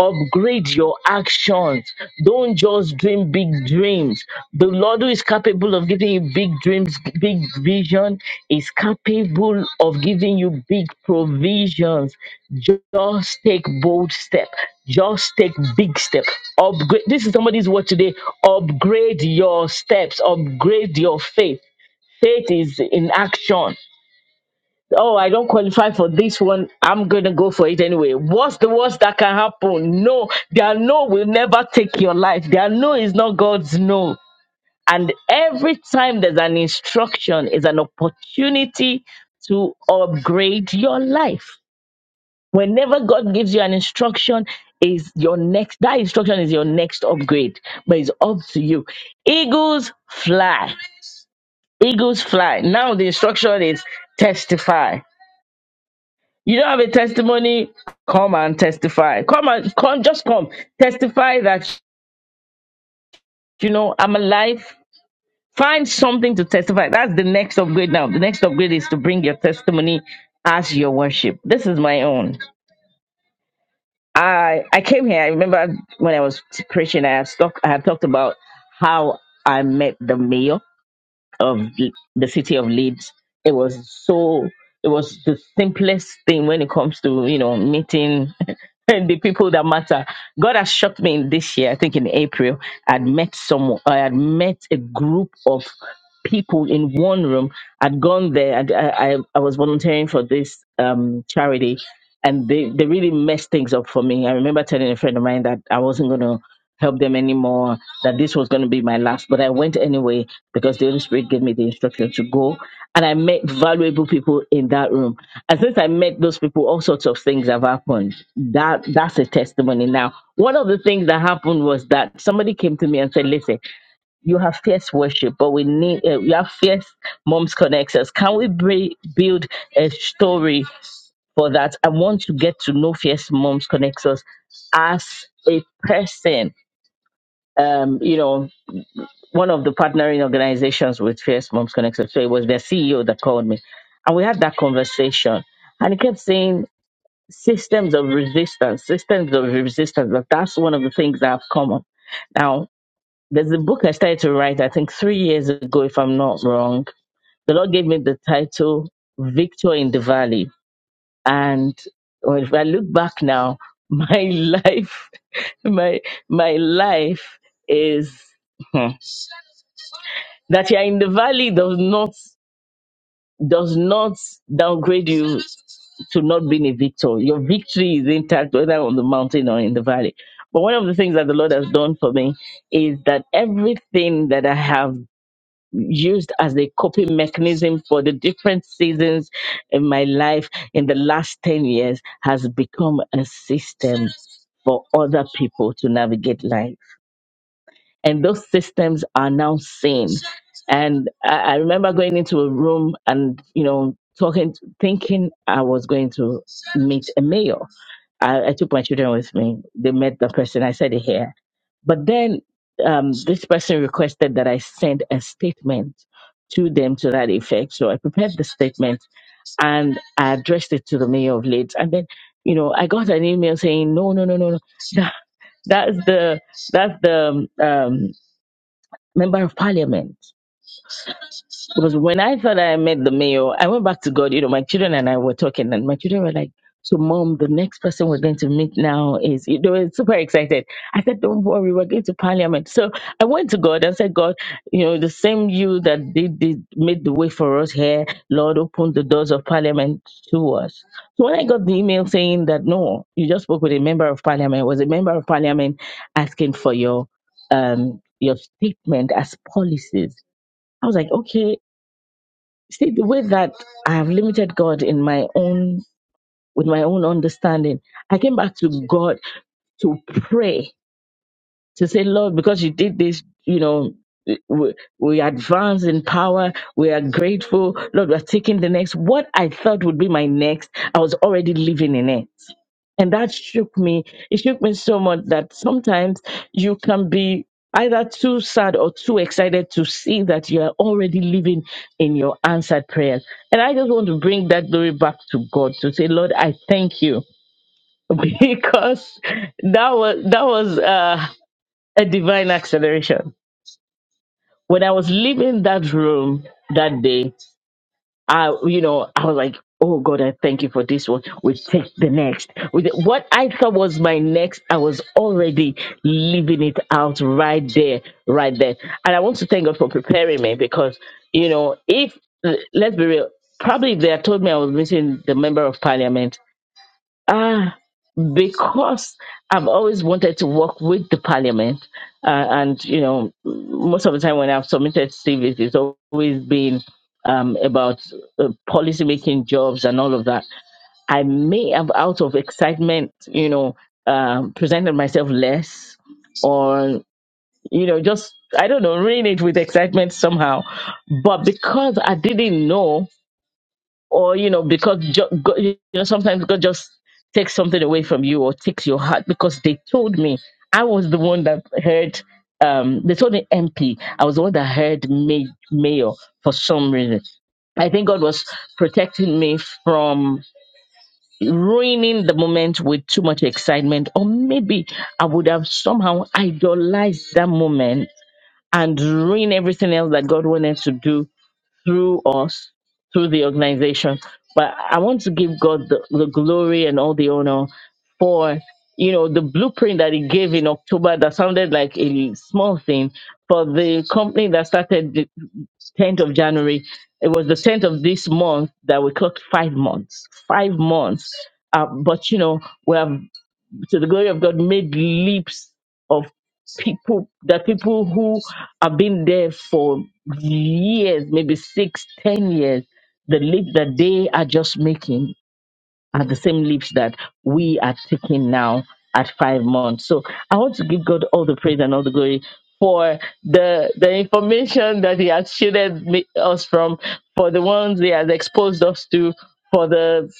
C: Upgrade your actions. Don't just dream big dreams. The Lord who is capable of giving you big dreams, big vision, is capable of giving you big provisions. Just take bold step. Just take big step. Upgrade. This is somebody's word today. Upgrade your steps. Upgrade your faith. Faith is in action oh, I don't qualify for this one. I'm going to go for it anyway. What's the worst that can happen? No, their no will never take your life. Their no is not God's no. And every time there's an instruction, is an opportunity to upgrade your life. Whenever God gives you an instruction, is your next that instruction is your next upgrade, but it's up to you. Eagles fly. Eagles fly. Now the instruction is testify You don't have a testimony? Come and testify. Come and come, just come. Testify that you know I'm alive. Find something to testify. That's the next upgrade now. The next upgrade is to bring your testimony as your worship. This is my own. I I came here. I remember when I was preaching, I have stuck I have talked about how I met the mayor. of L- the city of Leeds. It was so it was the simplest thing when it comes to you know meeting the people that matter. God has shocked me in this year. I think in April I'd met someone. I had met a group of people in one room. I'd gone there. I'd, I I I was volunteering for this um charity. And they, they really messed things up for me. I remember telling a friend of mine that I wasn't going to help them anymore, that this was going to be my last. But I went anyway because the Holy Spirit gave me the instruction to go. And I met valuable people in that room. And since I met those people, all sorts of things have happened. That that's a testimony. Now, one of the things that happened was that somebody came to me and said, Listen, you have fierce worship, but we need uh, you have fierce moms connectors. Can we bri- build a story for that? I want to get to know fierce moms connectors as a person um, you know, one of the partnering organizations with Fierce Moms Connected. So it was their CEO that called me. And we had that conversation. And he kept saying systems of resistance, systems of resistance. But that's one of the things that have come up. Now, there's a book I started to write, I think three years ago, if I'm not wrong. The Lord gave me the title Victor in the Valley. And well, if I look back now, my life, my my life is That you're in the valley does not does not downgrade you to not being a victor. Your victory is intact whether on the mountain or in the valley. But one of the things that the Lord has done for me is that everything that I have used as a coping mechanism for the different seasons in my life in the last 10 years has become a system for other people to navigate life and those systems are now seen. And I, I remember going into a room and you know talking, thinking I was going to meet a mayor. I, I took my children with me. They met the person. I said it here, but then um, this person requested that I send a statement to them to that effect. So I prepared the statement and I addressed it to the mayor of Leeds. And then you know I got an email saying no, no, no, no, no. That, that's the that's the um, um, member of parliament. Because when I thought I met the mayor, I went back to God. You know, my children and I were talking, and my children were like, "So, mom, the next person we're going to meet now is," you know, super excited. I said, "Don't worry, we're going to parliament." So I went to God and said, "God, you know, the same you that did, did made the way for us here, Lord, open the doors of parliament to us." So when I got the email saying that no, you just spoke with a member of parliament, it was a member of parliament asking for your um your statement as policies I was like, okay, see the way that I have limited God in my own with my own understanding. I came back to God to pray to say, Lord, because you did this, you know, we, we advance in power. We are grateful. Lord, we're taking the next. What I thought would be my next, I was already living in it. And that shook me. It shook me so much that sometimes you can be either too sad or too excited to see that you are already living in your answered prayers. And I just want to bring that glory back to God to say, Lord, I thank you because that was that was uh a divine acceleration. When I was leaving that room that day, I, you know, I was like, oh God, I thank you for this one. We take the next. With what I thought was my next, I was already living it out right there, right there. And I want to thank God for preparing me because, you know, if, let's be real, probably if they had told me I was meeting the member of parliament, Ah, because I've always wanted to work with the parliament, uh, and you know, most of the time when I've submitted CVs, it's always been um, about uh, policy making jobs and all of that. I may have, out of excitement, you know, um, presented myself less, or you know, just I don't know, ruin it with excitement somehow. But because I didn't know or you know because ju- go- you know sometimes god just takes something away from you or takes your heart because they told me i was the one that heard um they told me mp i was the one that heard may- mayor for some reason i think god was protecting me from ruining the moment with too much excitement or maybe i would have somehow idolized that moment and ruin everything else that god wanted to do through us, through the organization. But I want to give God the, the glory and all the honor for, you know, the blueprint that he gave in October that sounded like a small thing for the company that started the 10th of January. It was the 10th of this month that we clocked five months, five months. Uh, but, you know, we have to the glory of God made leaps of people that people who have been there for years, maybe six, ten years, the leap that they are just making at the same leaps that we are taking now at five months. So I want to give God all the praise and all the glory for the the information that He has shielded me, us from, for the ones He has exposed us to, for the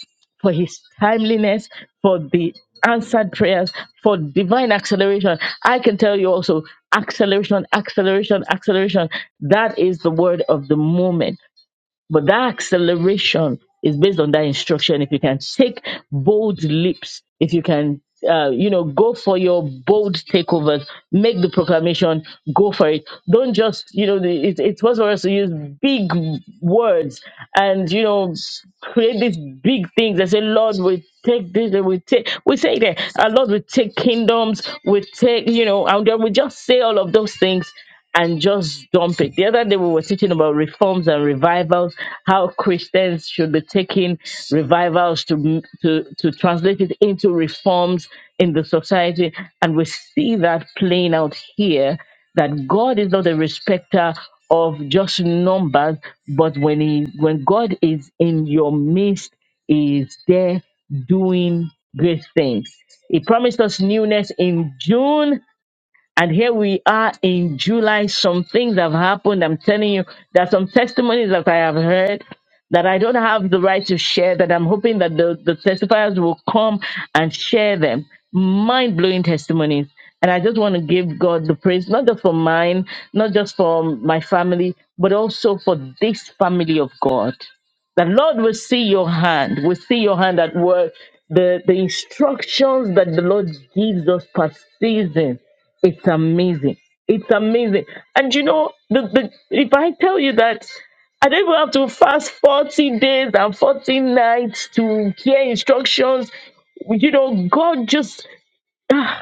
C: for His timeliness, for the answered prayers, for divine acceleration. I can tell you also acceleration, acceleration, acceleration. That is the word of the moment but that acceleration is based on that instruction. If you can take bold leaps, if you can, uh, you know, go for your bold takeovers, make the proclamation, go for it. Don't just, you know, the, it, it's possible for us to use big words and, you know, create these big things and say, Lord, we take this, and we take, we say that, uh, Lord, we take kingdoms, we take, you know, and then we just say all of those things and just dump it. The other day we were teaching about reforms and revivals, how Christians should be taking revivals to to to translate it into reforms in the society, and we see that playing out here. That God is not a respecter of just numbers, but when he when God is in your midst, he is there doing great things. He promised us newness in June and here we are in July. Some things have happened. I'm telling you, there are some testimonies that I have heard that I don't have the right to share, that I'm hoping that the, the testifiers will come and share them. Mind blowing testimonies. And I just want to give God the praise, not just for mine, not just for my family, but also for this family of God. The Lord will see your hand, will see your hand at work. The, the instructions that the Lord gives us per season it's amazing. It's amazing. And you know, the, the if I tell you that I don't even have to fast 40 days and 40 nights to hear instructions. You know, God just ah,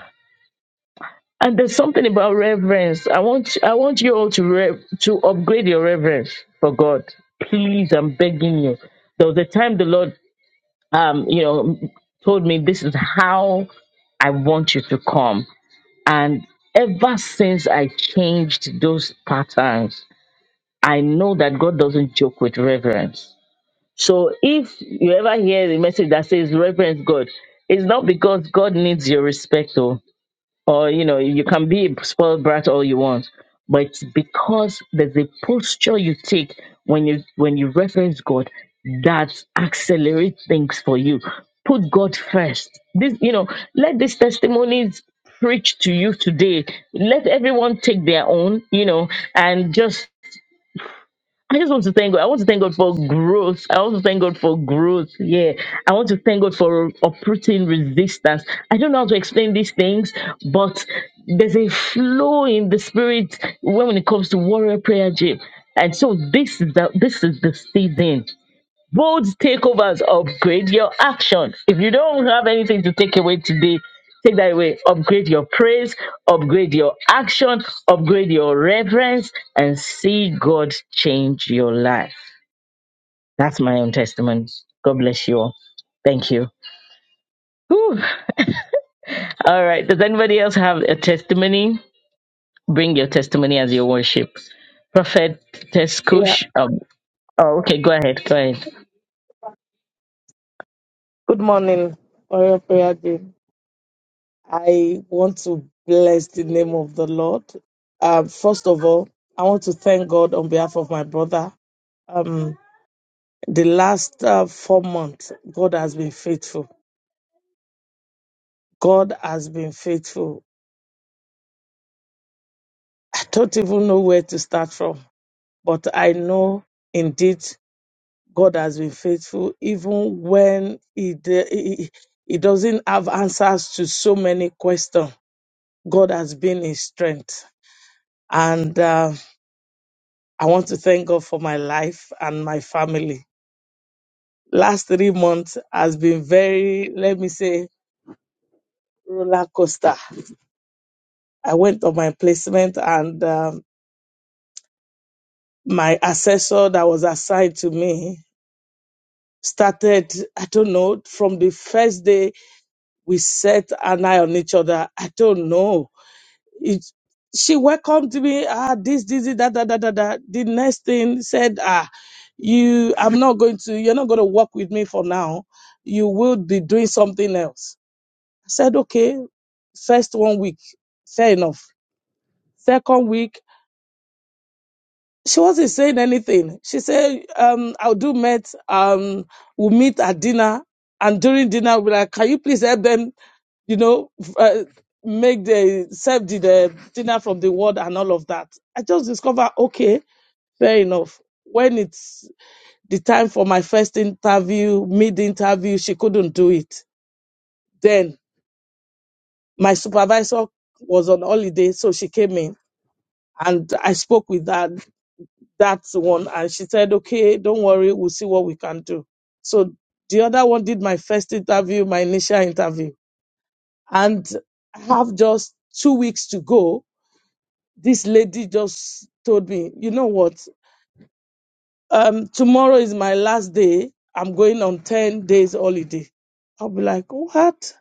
C: and there's something about reverence. I want I want you all to re, to upgrade your reverence for God. Please, I'm begging you. There was a time the Lord um, you know, told me this is how I want you to come. And ever since I changed those patterns, I know that God doesn't joke with reverence. So if you ever hear the message that says reverence God, it's not because God needs your respect, though or you know you can be a spoiled brat all you want but it's because there's a posture you take when you when you reference god that accelerates things for you put god first this you know let these testimonies preach to you today let everyone take their own you know and just I just want to thank God. I want to thank God for growth. I want to thank God for growth. Yeah. I want to thank God for uprooting resistance. I don't know how to explain these things, but there's a flow in the spirit when it comes to warrior prayer, Jim. And so this is the this is the season. Bold takeovers upgrade your action. If you don't have anything to take away today, take that away. Upgrade your praise, upgrade your action, upgrade your reverence, and see God change your life. That's my own testimony. God bless you all. Thank you. Whew. All right. Does anybody else have a testimony? Bring your testimony as your worship. Prophet
A: Yeah.
C: Teskush. Oh, oh, okay. Go ahead. Go ahead.
A: Good morning for your prayer, dear. I want to bless the name of the Lord. Um, first of all, I want to thank God on behalf of my brother. Um, the last uh, four months, God has been faithful. God has been faithful. I don't even know where to start from, but I know indeed God has been faithful, even when He, de- he, he doesn't have answers to so many questions. God has been His strength. And uh, I want to thank God for my life and my family. Last three months has been very, let me say, roller coaster. I went on my placement and um, my assessor that was assigned to me started, I don't know, from the first day we set an eye on each other. I don't know. It, she welcomed me. Ah, this, this, this, that, that, that, that, that. The next thing said, ah, you, I'm not going to, you're not going to work with me for now. You will be doing something else. I said, okay, first one week, fair enough. Second week, she wasn't saying anything. She said, um, I'll do met, um, we'll meet at dinner. And during dinner, we'll be like, can you please help them? you know, f- uh, make the serve the, the dinner from the world and all of that. I just discover, okay, fair enough. When it's the time for my first interview, mid interview, she couldn't do it. Then my supervisor was on holiday, so she came in and I spoke with that that one, and she said, okay, don't worry, we'll see what we can do. So the other one did my first interview, my initial interview, and I have just two weeks to go This lady just told me, you know what? Um, tomorrow is my last day. I'm going on 10 days holiday. I'll be like, what?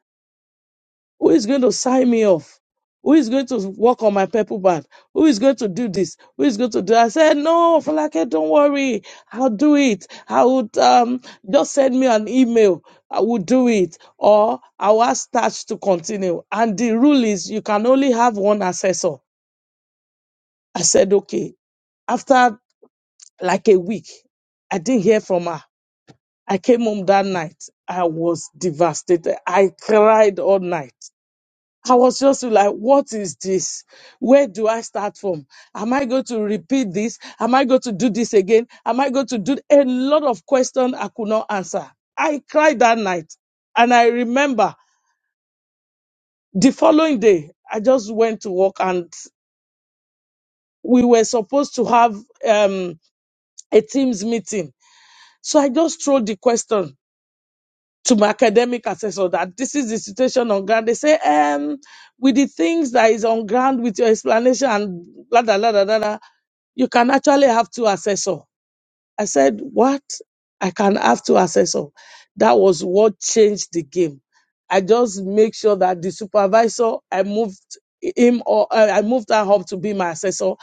A: Who is going to sign me off? Who is going to work on my purple band? Who is going to do this? Who is going to do? I said, no, Falake, don't worry. I'll do it. I would um just send me an email. I will do it, or I will ask Touch to continue. And the rule is you can only have one assessor. I said, okay. After like a week. I didn't hear from her. I came home that night. I was devastated. I cried all night. I was just like, what is this? Where do I start from? Am I going to repeat this? Am I going to do this again? Am I going to do a lot of questions I could not answer? I cried that night. And I remember the following day, I just went to work and we were supposed to have um, a team's meeting. So I just threw the question to my academic assessor that this is the situation on ground. They say, um, with the things that is on ground with your explanation and blah, blah, blah, blah, blah, blah, you can actually have two assessor. I said, What? I can have two assessors. That was what changed the game. I just make sure that the supervisor, I moved him or uh, I moved her up to be my assessor.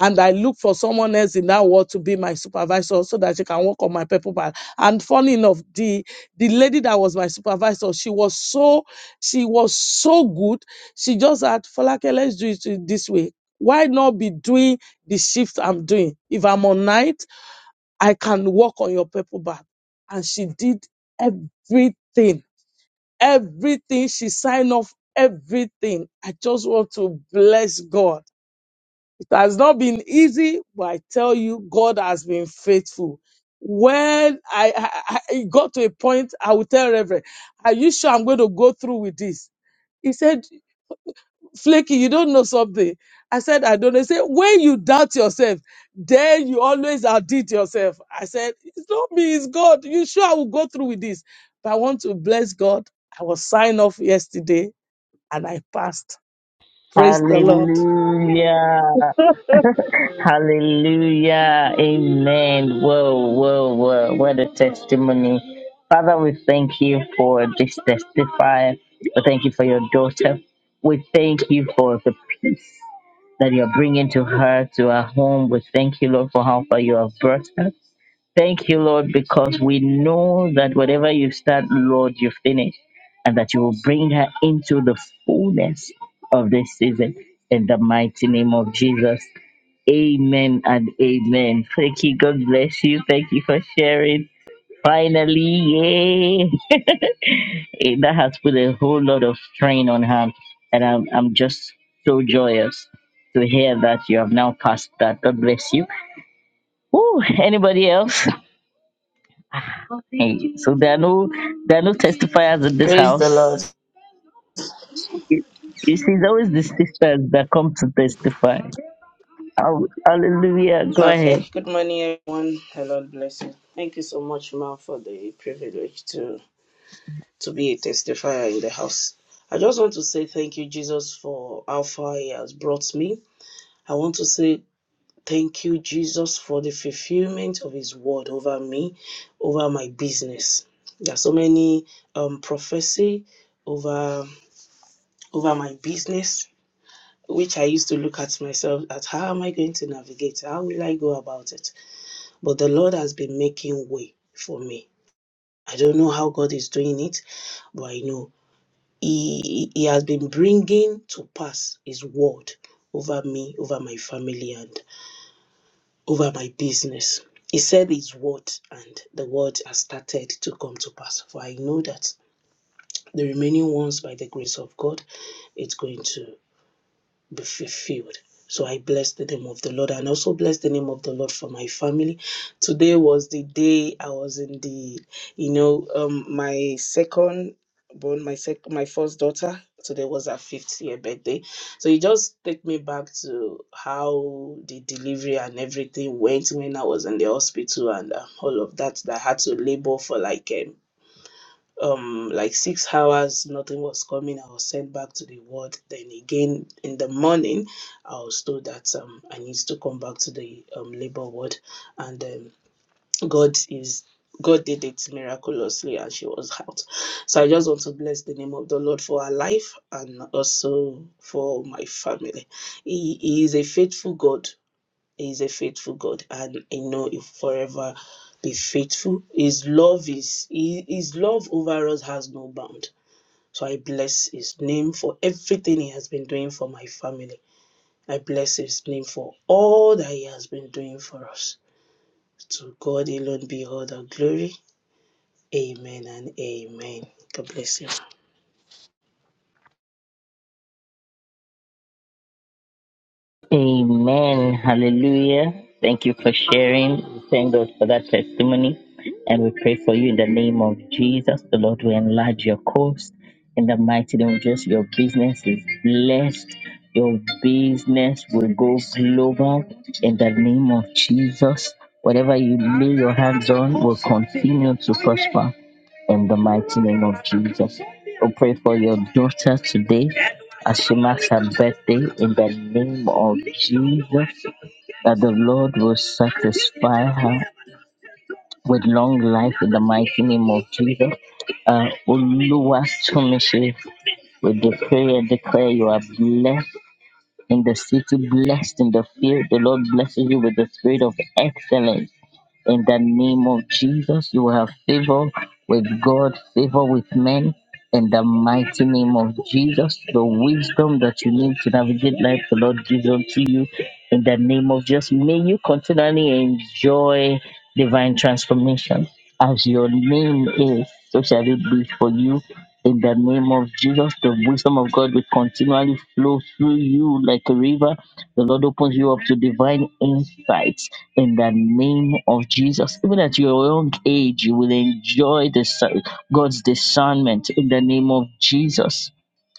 A: And I look for someone else in that world to be my supervisor so that she can work on my paper bag. And funny enough, the the lady that was my supervisor, she was so she was so good. She just had Falake, let's do it this way. Why not be doing the shift I'm doing? If I'm on night, I can walk on your purple bag. And she did everything, everything. She signed off everything. I just want to bless God. It has not been easy, but I tell you, God has been faithful. When I, I, I it got to a point, I would tell Reverend, are you sure I'm going to go through with this? He said, flaky, you don't know something. I said, I don't know. He said, when you doubt yourself, then you always outdid yourself. I said, it's not me, it's God. You sure I will go through with this? But I want to bless God. I was signed off yesterday and I passed. Praise the Lord.
C: Hallelujah. Hallelujah. Amen. Whoa, whoa, whoa. What a testimony. Father, we thank you for this testifier. We thank you for your daughter. We thank you for the peace that you're bringing to her, to her home. We thank you, Lord, for how far you have brought her. Thank you, Lord, because we know that whatever you start, Lord, you finish, and that you will bring her into the fullness of this season. In the mighty name of Jesus. Amen and amen. Thank you. God bless you. Thank you for sharing. Finally, yay! Eh, that has put a whole lot of strain on her, and I'm I'm just so joyous to hear that you have now passed that. God bless you. Woo, anybody else? Hey, so there are no there are no testifiers in this
B: Praise the
C: house.
B: Lord.
C: You you see, it's always the sisters that come to testify. Oh, hallelujah! Go
B: Okay.
C: ahead.
B: Good morning, everyone. The Lord bless you. Thank you so much, Ma, for the privilege to to be a testifier in the house. I just want to say thank you, Jesus, for how far He has brought me. I want to say Thank you, Jesus, for the fulfillment of His word over me, over my business. There are so many um, prophecy over over my business, which I used to look at myself at how am I going to navigate? How will I go about it? But the Lord has been making way for me. I don't know how God is doing it, but I know He He has been bringing to pass His word over me, over my family, and. over my business. He said his word, and the word has started to come to pass for that. The remaining ones, by the grace of God, it's going to be fulfilled. So I bless the name of the Lord and also bless the name of the Lord for my family. Today was the day I was in the, you know, um, my second born, my sec, my first daughter. Today was her fifth year birthday. So it just take me back to how the delivery and everything went when I was in the hospital and uh, all of that. That I had to labor for like um, um like six hours nothing was coming i was sent back to the ward then again in the morning i was told that um i need to come back to the um labor ward and um, god is god did it miraculously and she was out so i just want to bless the name of the lord for her life and also for my family he, he is a faithful god He's a faithful God, and I know He forever be faithful. His love is He- His love over us has no bound. So I bless His name for everything He has been doing for my family. I bless His name for all that He has been doing for us. To God alone be all the glory. Amen and amen. God bless you.
C: Amen. Hallelujah. Thank you for sharing. We Thank God for that testimony. And we pray for you in the name of Jesus. The Lord will enlarge your course in the mighty name of Jesus. Your business is blessed. Your business will go global in the name of Jesus. Whatever you lay your hands on will continue to prosper in the mighty name of Jesus. We pray for your daughter today. As she marks her birthday in the name of Jesus, that the Lord will satisfy her with long life in the mighty name of Jesus. Uh, Oluwatomishi, we decree and declare you are blessed in the city, blessed in the field. The Lord blesses you with the spirit of excellence. In the name of Jesus, you will have favor with God, favor with men. In the mighty name of Jesus, the wisdom that you need to navigate life, the Lord gives unto you. In the name of Jesus, may you continually enjoy divine transformation as your name is so shall it be for you. In the name of Jesus, the wisdom of God will continually flow through you like a river. The Lord opens you up to divine insights in the name of Jesus. Even at your young age, you will enjoy the si-, God's discernment in the name of Jesus.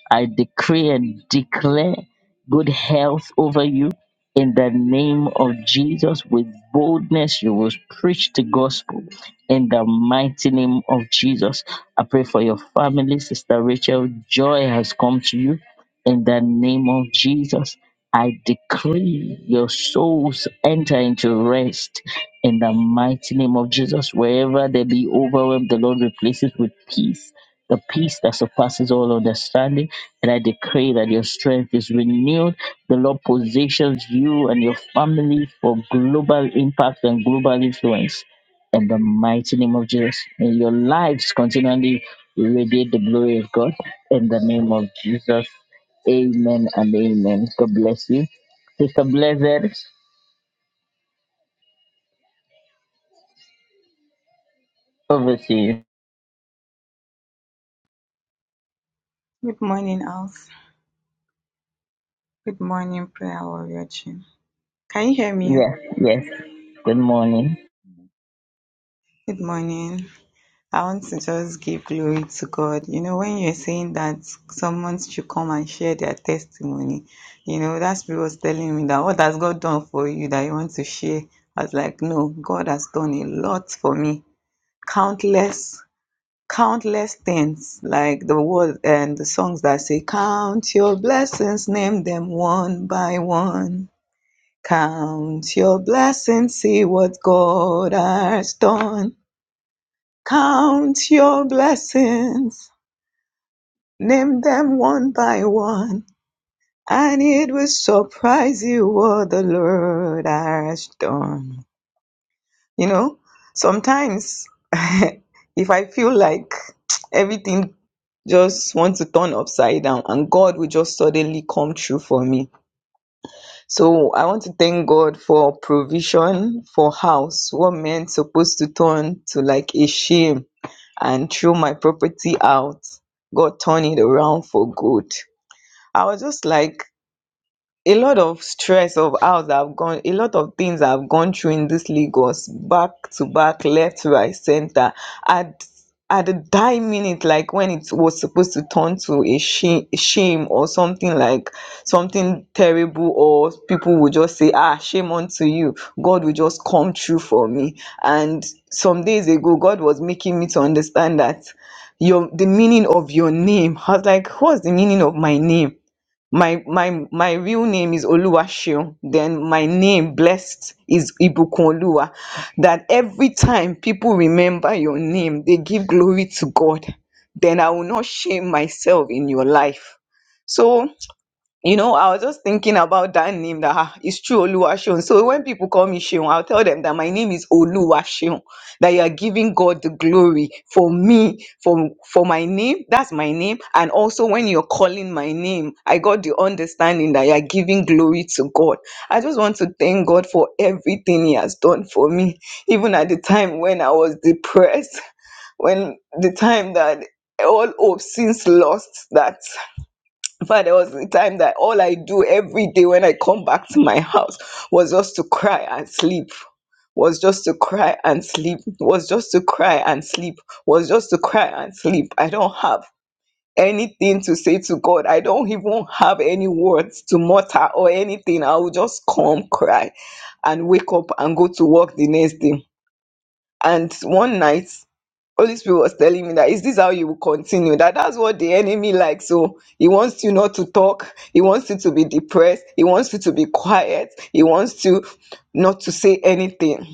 C: I decree and declare good health over you in the name of Jesus. With boldness, you will preach the gospel in the mighty name of Jesus. I pray for your family, Sister Rachel. Joy has come to you in the name of Jesus. I decree your souls enter into rest in the mighty name of Jesus. Wherever they be overwhelmed, the Lord replaces with peace, the peace that surpasses all understanding and I decree that your strength is renewed. The Lord positions you and your family for global impact and global influence. In the mighty name of Jesus. May your lives continually radiate the glory of God. In the name of Jesus. Amen and amen. God bless you. Sister Blessed, over to you.
F: Good morning, Alf. Good morning, prayer warrior team. Can you hear me?
C: Yes, yes. Good morning.
F: Good morning. I want to just give glory to God. You know, when you're saying that someone should come and share their testimony, you know, that spirit was telling me that what has God done for you that you want to share? I was like, no, God has done a lot for me. Countless, countless things. Like the word and the songs that say, Count your blessings, name them one by one Count your blessings, see what God has done. Count your blessings, name them one by one, and it will surprise you what the Lord has done. You know, sometimes if I feel like everything just wants to turn upside down and God will just suddenly come true for me So I want to thank God for provision for house. What men supposed to turn to like a shame and throw my property out, God turned it around for good. I was just like, a lot of stress of house I've gone, a lot of things I've gone through in this Lagos, back to back, left, right, center. At at the dying minute, like when it was supposed to turn to a shame, shame or something like something terrible, or people would just say, "Ah, shame unto you." God will just come through for me. And some days ago, God was making me to understand that your the meaning of your name. I was like, "What's the meaning of my name?" my my my real name is Oluwaseun. Then my name blessed is Ibukunoluwa. That every time people remember your name, they give glory to God. Then I will not shame myself in your life. So you know, I was just thinking about that name that ah, it's true Oluwaseun. So when people call me Seun, I'll tell them that my name is Oluwaseun, that you are giving God the glory for me, for for my name. That's my name. And also when you're calling my name, I got the understanding that you're giving glory to God. I just want to thank God for everything He has done for me, even at the time when I was depressed, when the time that all hope seems lost, that But there was a time that all I do every day when I come back to my house was just to cry and sleep. Was just to cry and sleep. Was just to cry and sleep. Was just to cry and sleep. I don't have anything to say to God. I don't even have any words to mutter or anything. I will just come cry and wake up and go to work the next day. And one night Holy Spirit was telling me that is this how you will continue? That that's what the enemy likes. So he wants you not to talk. He wants you to be depressed. He wants you to be quiet. He wants you not to say anything.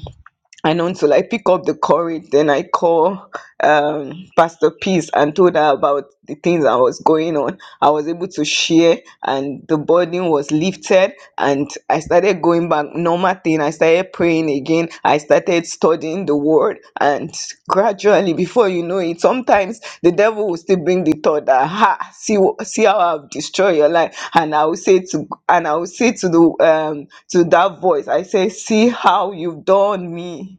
F: And until I pick up the courage, then I call um, Pastor Peace and told her about the things that was going on. I was able to share, and the burden was lifted. And I started going back normal thing. I started praying again. I started studying the word and gradually before you know it sometimes the devil will still bring the thought that ha see wh- see how i've destroyed your life and i will say to and i will say to the um to that voice i say see how you've done me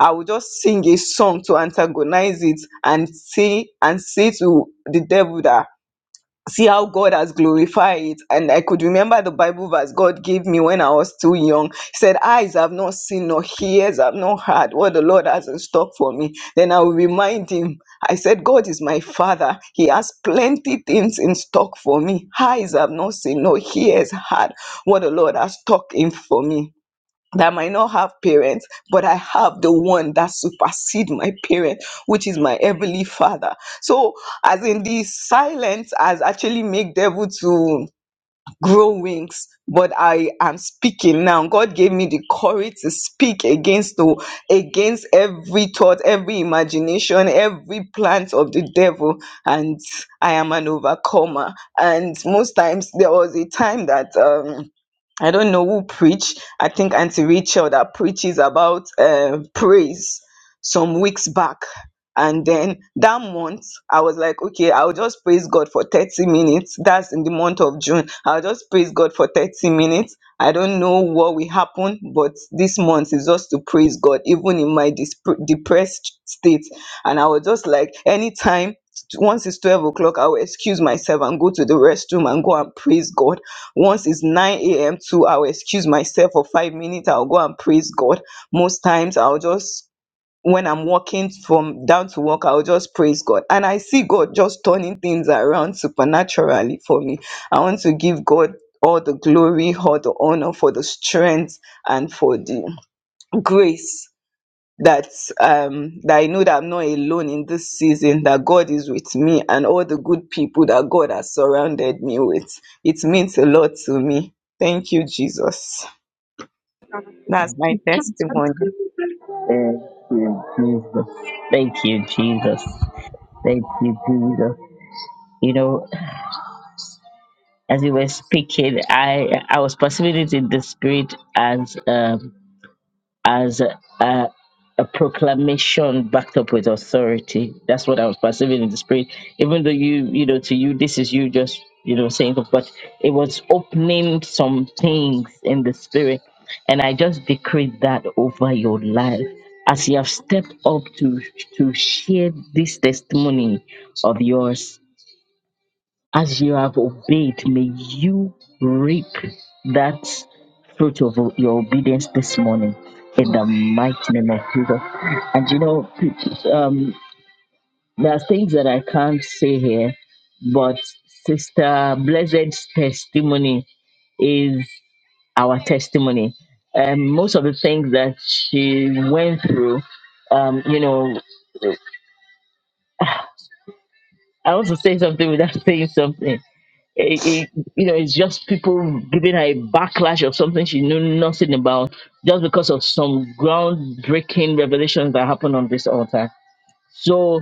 F: i will just sing a song to antagonize it and say and say to the devil that see how God has glorified it. And I could remember the Bible verse God gave me when I was too young. He said, Eyes have not seen, nor ears have not heard what the Lord has in stock for me. Then I will remind him. I said, God is my father. He has plenty things in stock for me. Eyes have not seen, nor ears heard what the Lord has stocked in for me that I might not have parents, but I have the one that supersedes my parents, which is my heavenly father. So, as in the silence has actually made devil to grow wings. But I am speaking now. God gave me the courage to speak against the against every thought, every imagination, every plant of the devil, and I am an overcomer. And most times there was a time that um I don't know who preach. I think Auntie Rachel that preaches about uh, praise some weeks back. And then that month, I was like, okay, I'll just praise God for 30 minutes. That's in the month of June. I'll just praise God for 30 minutes. I don't know what will happen, but this month is just to praise God, even in my disp- depressed state. And I was just like, anytime, once it's 12 o'clock, I will excuse myself and go to the restroom and go and praise God once it's 9 a.m. to I'll excuse myself for five minutes. I'll go and praise God. Most times I'll just when I'm walking from down to work, I'll just praise God. And I see God just turning things around supernaturally for me. I want to give God all the glory, all the honor for the strength and for the grace that um that I know that I'm not alone in this season, that God is with me and all the good people that God has surrounded me with. It means a lot to me. Thank you, Jesus. That's my testimony.
C: Thank you, Jesus. Thank you, Jesus. Thank you, Jesus. You know, as you were speaking, I I was perceiving it in the spirit as um, as a, a, a proclamation backed up with authority. That's what I was perceiving in the spirit. Even though you you know to you this is you just you know saying, but it was opening some things in the spirit, and I just decreed that over your life as you have stepped up to to share this testimony of yours as you have obeyed, may you reap that fruit of your obedience this morning in
F: Amen.
C: the mighty name of Jesus. And you know, um, there are things that I can't say here, but Sister Blessed's testimony is our testimony. Um, most of the things that she went through, um, you know, I also say something without saying something. it, it, you know, it's just people giving her a backlash of something she knew nothing about just because of some groundbreaking revelations that happened on this altar. So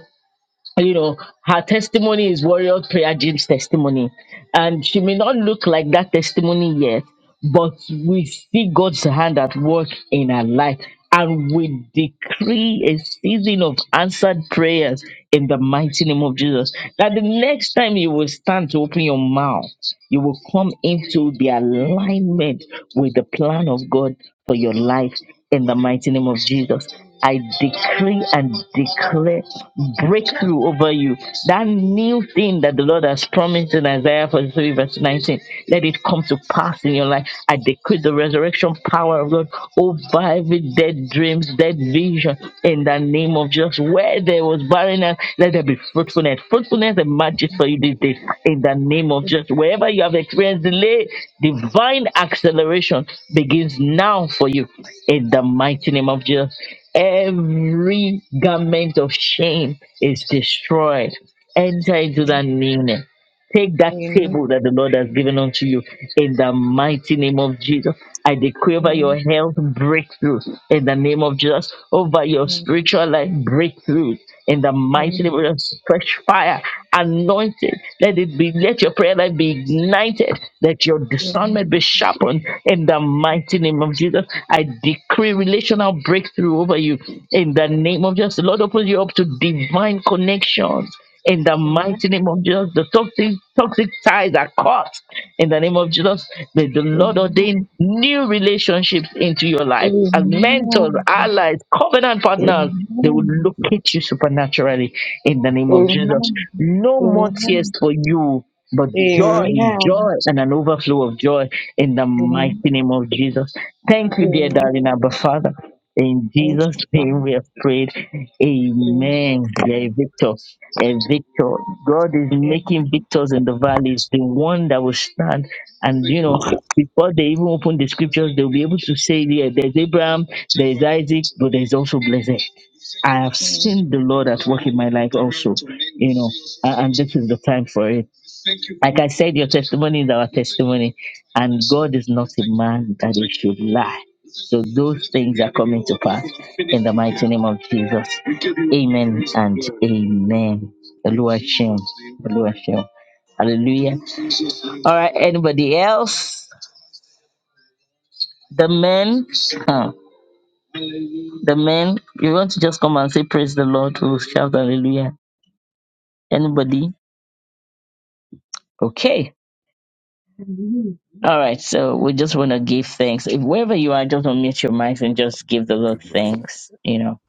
C: you know, her testimony is Warrior Prayer Gym's testimony. And she may not look like that testimony yet, but we see God's hand at work in her life. And we decree a season of answered prayers in the mighty name of Jesus. That the next time you will stand to open your mouth, you will come into the alignment with the plan of God for your life in the mighty name of Jesus. I decree and declare breakthrough over you. That new thing that the Lord has promised in Isaiah 43, verse 19, let it come to pass in your life. I decree the resurrection power of God over every dead dreams, dead vision in the name of Jesus. Where there was barrenness, let there be fruitfulness. Fruitfulness emerges for you these days in the name of Jesus. Wherever you have experienced delay, divine acceleration begins now for you in the mighty name of Jesus. Every garment of shame is destroyed. Enter into that newness. Take that
F: Amen.
C: table that the Lord has given unto you in the mighty name of Jesus. I decree over your
F: Amen.
C: health breakthrough in the name of Jesus, over your
F: Amen.
C: spiritual life breakthrough in the mighty name of Jesus. Fresh fire, anointed. Let it be, let your prayer life be ignited, that your
F: Amen.
C: discernment be sharpened in the mighty name of Jesus. I decree relational breakthrough over you in the name of Jesus. The Lord opens you up to divine connections in the
F: Amen.
C: mighty name of Jesus. The toxic toxic ties are cut in the name of Jesus. May the Lord ordain new relationships into your life as mentors, allies, covenant partners. They will
F: Amen.
C: locate you supernaturally in the name of Jesus. No more
F: Amen.
C: tears for you, but joy, joy, and an overflow of joy in the
F: Amen. Amen.
C: mighty name of Jesus. Thank you, dear
F: Amen.
C: darling Abba Father. In Jesus' name we have prayed. Amen. You are a victor. A victor. God is making victors in the valleys, the one that will stand. And you know, before they even open the scriptures, they'll be able to say, Yeah, there's Abraham, there's Isaac, but there's also blessed. I have seen the Lord at work in my life also. You know, a- and this is the time for it. Like I said, your testimony is our testimony, and God is not a man that he should lie. So those things are coming to pass in the mighty name of Jesus. Amen and amen. Eluashim. Eluashim. Hallelujah. All right, anybody else? The men, huh, the men, you want to just come and say, Praise the Lord, we'll shout hallelujah. Anybody? Okay. All right, so we just want to give thanks. If wherever you are, just unmute your mics and just give the Lord
G: Good morning.
C: thanks. You know.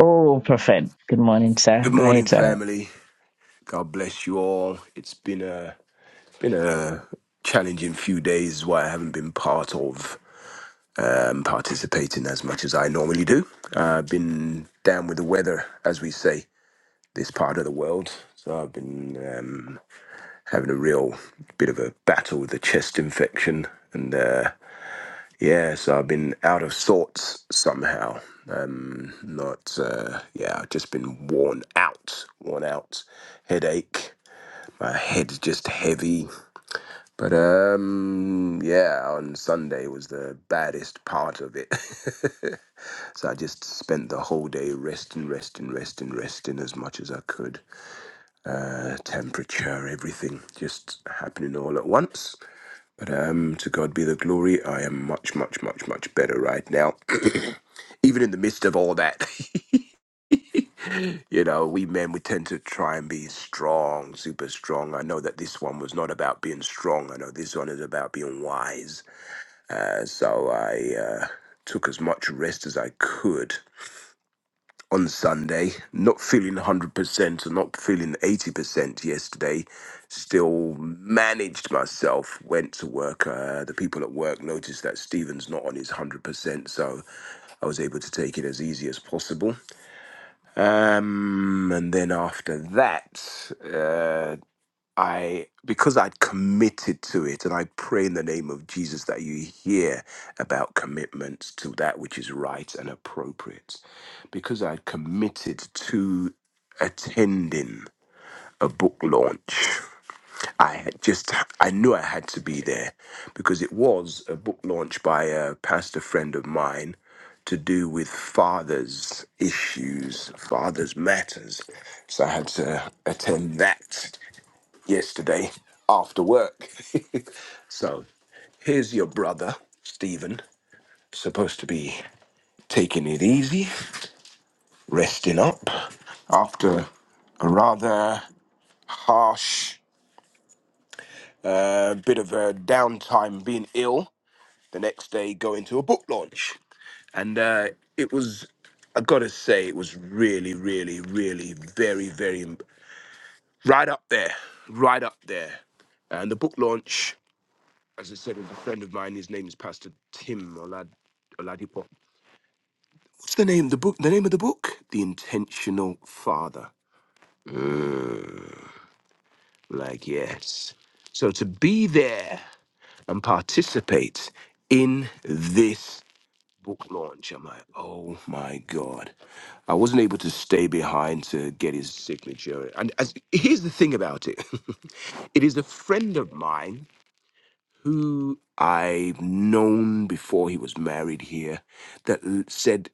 C: Oh, perfect. Good morning, sir.
G: Good
C: Go
G: morning,
C: ahead, sir.
G: family. God bless you all. It's been a been a challenging few days where I haven't been part of um, participating as much as I normally do. Uh, I've been down with the weather, as we say, this part of the world. So I've been um, having a real bit of a battle with a chest infection, and uh, Yeah, so I've been out of sorts somehow. Um, not, uh, yeah, I've just been worn out, worn out, headache. My head's just heavy. But um, yeah, on Sunday was the baddest part of it. so I just spent the whole day resting, resting, resting, resting as much as I could. Uh, temperature, everything just happening all at once. Um, to God be the glory. I am much, much, much, much better right now. Even in the midst of all that, you know, we men, we tend to try and be strong, super strong. I know that this one was not about being strong. I know this one is about being wise. Uh, so I uh, took as much rest as I could on Sunday, not feeling 100% or not feeling 80% yesterday, still managed myself, went to work. Uh, the people at work noticed that Stephen's not on his 100%, so I was able to take it as easy as possible. Um, and then after that, uh, I because I'd committed to it, and I pray in the name of Jesus that you hear about commitments to that which is right and appropriate. Because I'd committed to attending a book launch, I had just I knew I had to be there because it was a book launch by a pastor friend of mine to do with fathers' issues, fathers' matters. So I had to attend that yesterday after work. so here's your brother, Stephen, supposed to be taking it easy, resting up after a rather harsh uh, bit of a downtime being ill. The next day, going to a book launch. And uh, it was, I gotta say, it was really, really, really very, very right up there, right up there and the book launch. as I said, is a friend of mine. His name is Pastor Tim Olad Oladipo. What's the name? The book. The name of the book. The Intentional Father. Like yes. So to be there and participate in this book launch, I'm like, oh my god. I wasn't able to stay behind to get his signature. And as, here's the thing about it it is a friend of mine who I've known before he was married here that l- said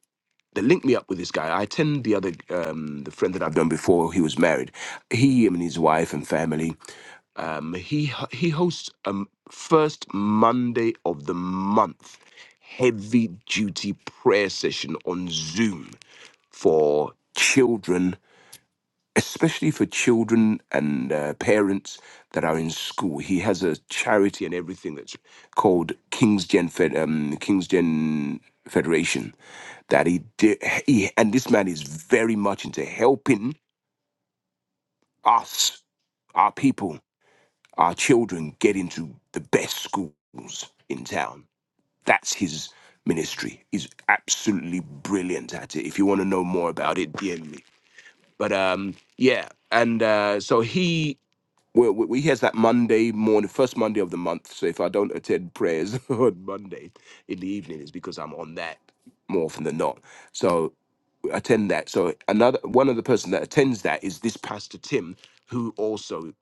G: They linked me up with this guy. I attend the other, um, the friend that I've done before. He was married. He and his wife and family. Um, he h- he hosts um first Monday of the month, heavy duty prayer session on Zoom for children especially for children and uh, parents that are in school. He has a charity and everything that's called King's Gen Fed, um, King's Gen Federation. That he did, he, and this man is very much into helping us, our people, our children get into the best schools in town. That's his ministry. He's absolutely brilliant at it. If you want to know more about it, DM me. But um, yeah, and uh, so he we, we we has that Monday morning, first Monday of the month. So if I don't attend prayers on Monday in the evening, it's because I'm on that more often than not. So attend that. So another one of the person that attends that is this Pastor Tim, who also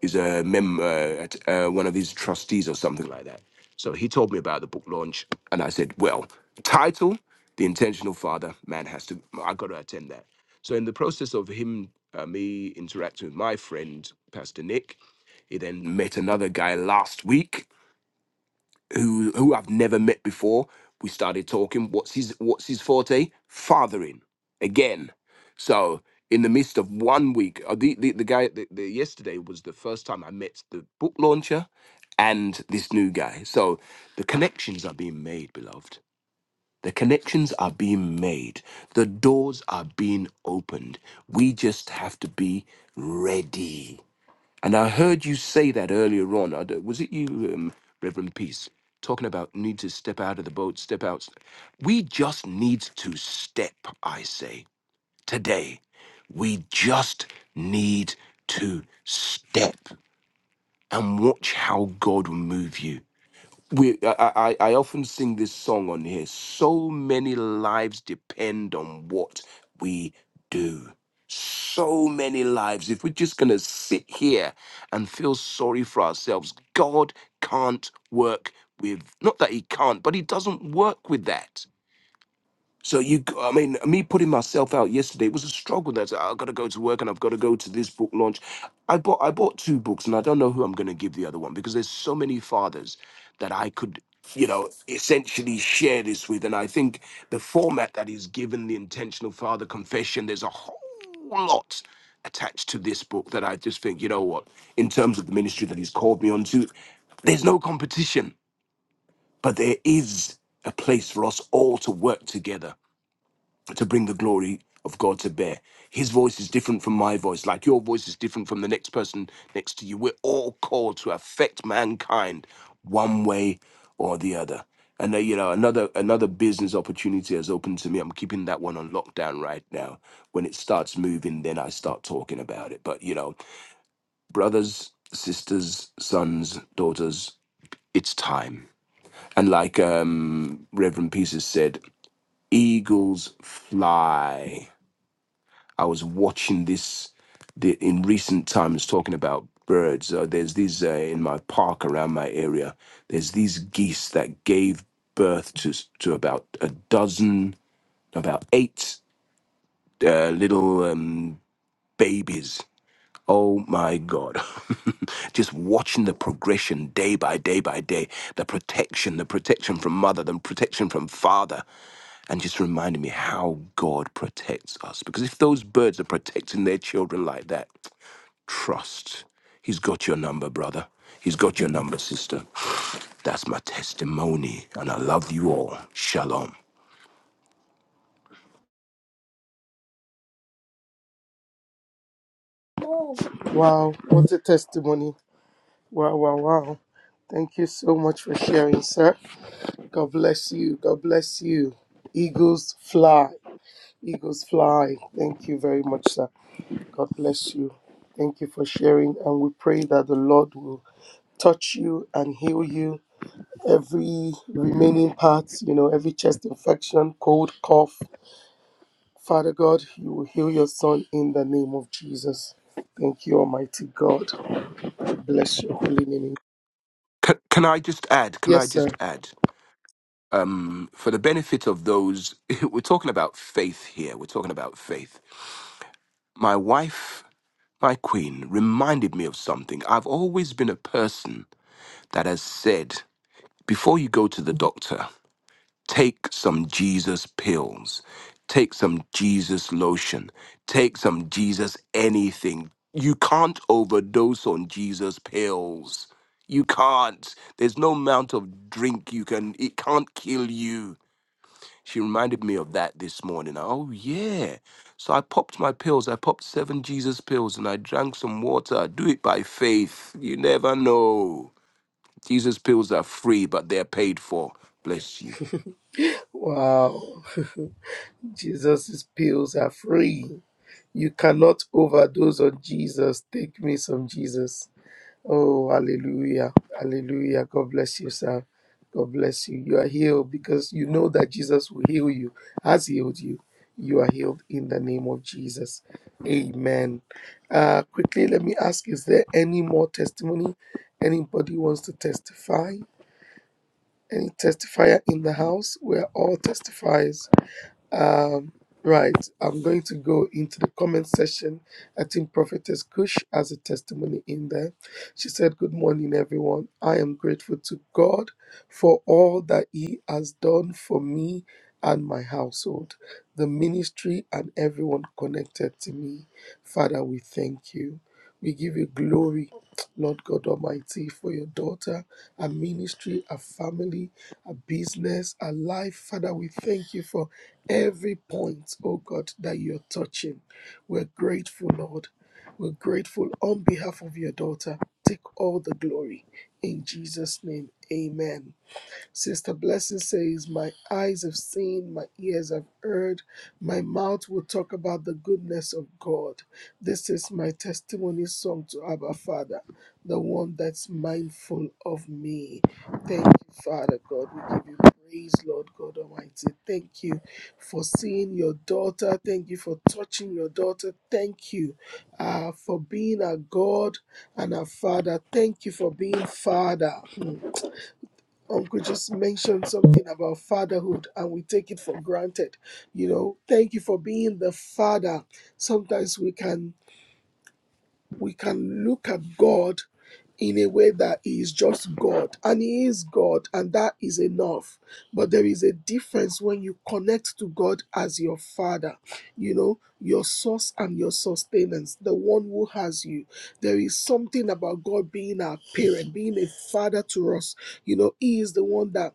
G: He's a member uh, at uh, one of his trustees or something like that. So he told me about the book launch, and I said, "Well, title: The Intentional Father. Man has to. I got to attend that." So in the process of him, uh, me interacting with my friend Pastor Nick, he then met another guy last week who who I've never met before. We started talking. What's his What's his forte? Fathering again. So in the midst of one week, uh, the the, the guy the, the, yesterday was the first time I met the book launcher and this new guy. So the connections are being made, beloved. The connections are being made. The doors are being opened. We just have to be ready and I heard you say that earlier on. I don't- Was it you, um, Reverend Peace, talking about need to step out of the boat, step out? We just need to step, I say, today. We just need to step and watch how God will move you we I, I I often sing this song on here. So many lives depend on what we do. So many lives. If we're just gonna sit here and feel sorry for ourselves, God can't work with not that he can't, but he doesn't work with that. So you, I mean, me putting myself out yesterday it was a struggle. That's I've got to go to work and I've got to go to this book launch. I bought I bought two books and I don't know who I'm going to give the other one because there's so many fathers that I could, you know, essentially share this with. And I think the format that is given, the intentional father confession, there's a whole lot attached to this book that I just think, you know what, in terms of the ministry that he's called me onto, there's no competition, but there is a place for us all to work together to bring the glory of God to bear. His voice is different from my voice, like your voice is different from the next person next to you. We're all called to affect mankind one way or the other. And uh, you know, another another business opportunity has opened to me. I'm keeping that one on lockdown right now. When it starts moving, then I start talking about it. But you know, brothers, sisters, sons, daughters, it's time. And like um, Reverend Pieces said, eagles fly I was watching this the, in recent times talking about birds. Uh, there's these uh, in my park around my area. There's these geese that gave birth to s- to about a dozen, about eight uh, little um, babies Oh my God. Just watching the progression day by day by day, the protection, the protection from mother, the protection from father, and just reminding me how God protects us. Because if those birds are protecting their children like that, trust. He's got your number, brother. He's got your number, sister. That's my testimony, and I love you all. Shalom.
H: Wow, what a testimony. Wow, wow, wow. Thank you so much for sharing, sir. God bless you. God bless you. Eagles fly. Eagles fly. Thank you very much, sir. God bless you. Thank you for sharing. And we pray that the Lord will touch you and heal you. Every remaining part, you know, every chest infection, cold, cough. Father God, you will heal your son in the name of Jesus. Thank you, Almighty God. Bless your holy name
G: Can, can I just add? Can I
H: Yes, sir.
G: just add? um, for the benefit of those, we're talking about faith here. We're talking about faith. My wife, my queen, reminded me of something. I've always been a person that has said, before you go to the doctor, take some Jesus pills, take some Jesus lotion, take some Jesus anything. You can't overdose on Jesus pills. You can't. There's no amount of drink you can, it can't kill you She reminded me of that this morning. Oh, yeah. So I popped my pills. I popped seven Jesus pills and I drank some water. Do it by faith. You never know. Jesus pills are free, but they're paid for. Bless you.
H: Wow. Jesus' pills are free. You cannot overdose on Jesus. Take me some Jesus. Oh, hallelujah. Hallelujah. God bless you, sir. God bless you. You are healed because you know that Jesus will heal you, has healed you. You are healed in the name of Jesus. Amen. Uh, quickly, let me ask is there any more testimony? Anybody wants to testify? Any testifier in the house? We're all testifiers Um, right, I'm going to go into the comment section. I think Prophetess Kush has a testimony in there. She said, Good morning, everyone. I am grateful to God for all that He has done for me and my household, the ministry, and everyone connected to me. Father, we thank you. We give you glory, Lord God Almighty, for your daughter, our ministry, our family, our business, our life. Father, we thank you for every point, oh God, that you're touching. We're grateful, Lord. We're grateful on behalf of your daughter. Take all the glory. In Jesus' name, amen. Sister Blessing says, My eyes have seen, my ears have heard, my mouth will talk about the goodness of God. This is my testimony song to Abba Father, the one that's mindful of me. Thank you, Father God. We give you praise, Lord God Almighty. Thank you for seeing your daughter. Thank you for touching your daughter. Thank you uh, for being our God and our Father. Thank you for being Father. Hmm. Uncle just mentioned something about fatherhood and we take it for granted. You know, thank you for being the father. Sometimes we can we can look at God in a way that he is just God and he is God and that is enough. But there is a difference when you connect to God as your father, you know, your source and your sustenance, the one who has you. There is something about God being our parent, being a father to us. You know, he is the one that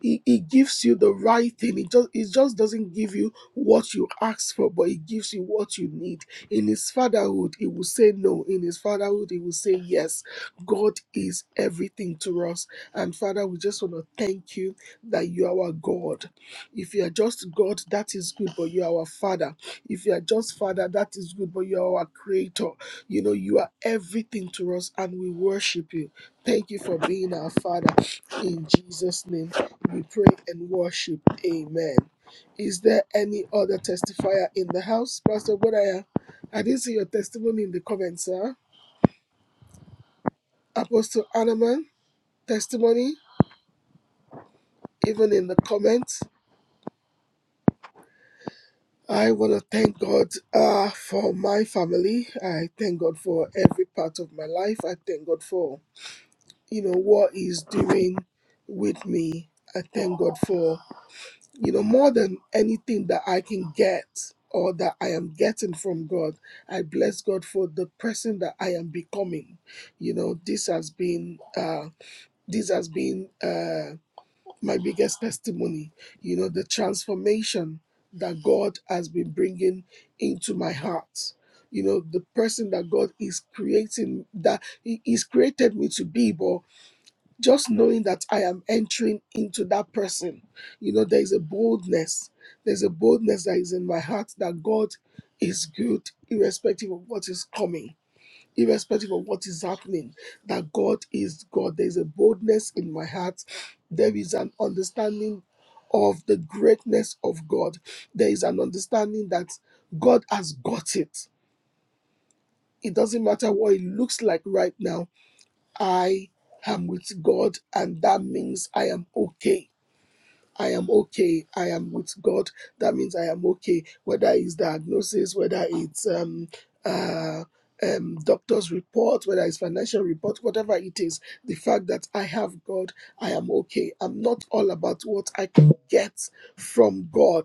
H: he, he gives you the right thing. It just, it just doesn't give you what you ask for, but it gives you what you need. In his fatherhood, he will say no. In his fatherhood, he will say yes. God is everything to us. And Father, we just want to thank you that you are our God. If you are just God, that is good, but you are our Father. If you are just Father, that is good, but you are our Creator. You know, you are everything to us, and we worship you. Thank you for being our Father. In Jesus' name. We pray and worship. Amen. Is there any other testifier in the house? Pastor Bodaya, I didn't see your testimony in the comments, sir. Apostle Anaman, testimony, even in the comments. I want to thank God uh, for my family. I thank God for every part of my life. I thank God for, you know, what He's doing with me. I thank God for you know, more than anything that I can get or that I am getting from God, I bless God for the person that I am becoming. You know, this has been uh, this has been uh, my biggest testimony. You know, the transformation that God has been bringing into my heart. You know, the person that God is creating that He- He's created me to be, but just knowing that I am entering into that person, you know, there is a boldness. There's a boldness that is in my heart that God is good, irrespective of what is coming, irrespective of what is happening, that God is God. There's a boldness in my heart. There is an understanding of the greatness of God. There is an understanding that God has got it. It doesn't matter what it looks like right now I am with God, and that means I am okay. I am okay. I am with God. That means I am okay. Whether it's diagnosis, whether it's um, uh, um, doctor's report, whether it's financial report, whatever it is, the fact that I have God, I am okay. I'm not all about what I can get from God.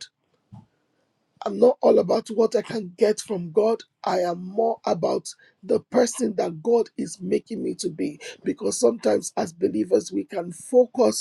H: I'm not all about what I can get from God. I am more about the person that God is making me to be. Because sometimes, as believers, we can focus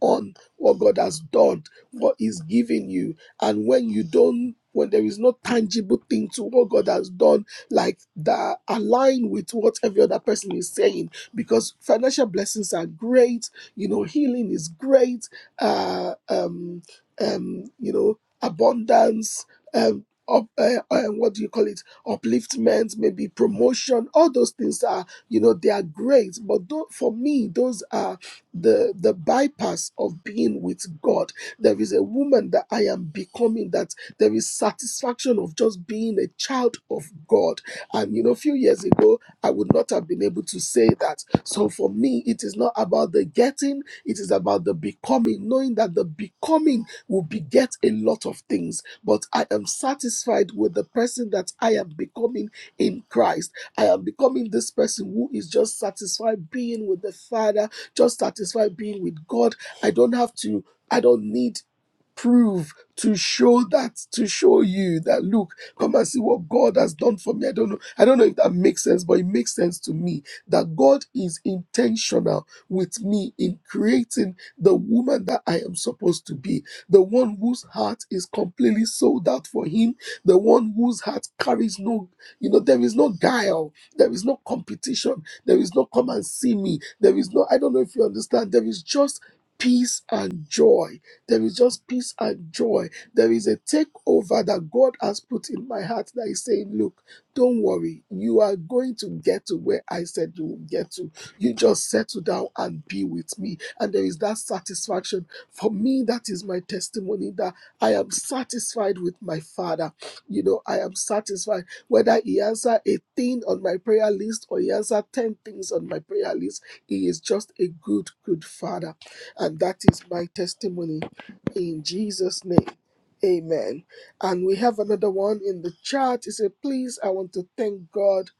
H: on what God has done, what He's given you. And when you don't, when there is no tangible thing to what God has done, like that align with what every other person is saying, because financial blessings are great, you know, healing is great, uh, um, um, you know, abundance, um, up, uh, uh, what do you call it? Upliftment, maybe promotion. All those things are, you know, they are great. But do for me, those are the the bypass of being with god there is a woman that i am becoming that there is satisfaction of just being a child of god and you know a few years ago i would not have been able to say that so for me it is not about the getting it is about the becoming knowing that the becoming will beget a lot of things but i am satisfied with the person that i am becoming in christ I am becoming this person who is just satisfied being with the Father just satisfied being with God. I don't have to, I don't need prove to show that to show you that look come and see what god has done for me i don't know i don't know if that makes sense but it makes sense to me that god is intentional with me in creating the woman that i am supposed to be the one whose heart is completely sold out for him the one whose heart carries no you know there is no guile there is no competition there is no come and see me there is no i don't know if you understand there is just peace and joy there is just peace and joy. There is a takeover that God has put in my heart that is saying, Look, don't worry. You are going to get to where I said you will get to. You just settle down and be with me. And there is that satisfaction. For me, that is my testimony that I am satisfied with my Father. You know, I am satisfied whether He answer a thing on my prayer list or He answer 10 things on my prayer list. He is just a good, good Father. And that is my testimony in Jesus' name. Amen. And we have another one in the chat. It said, Please, I want to thank God.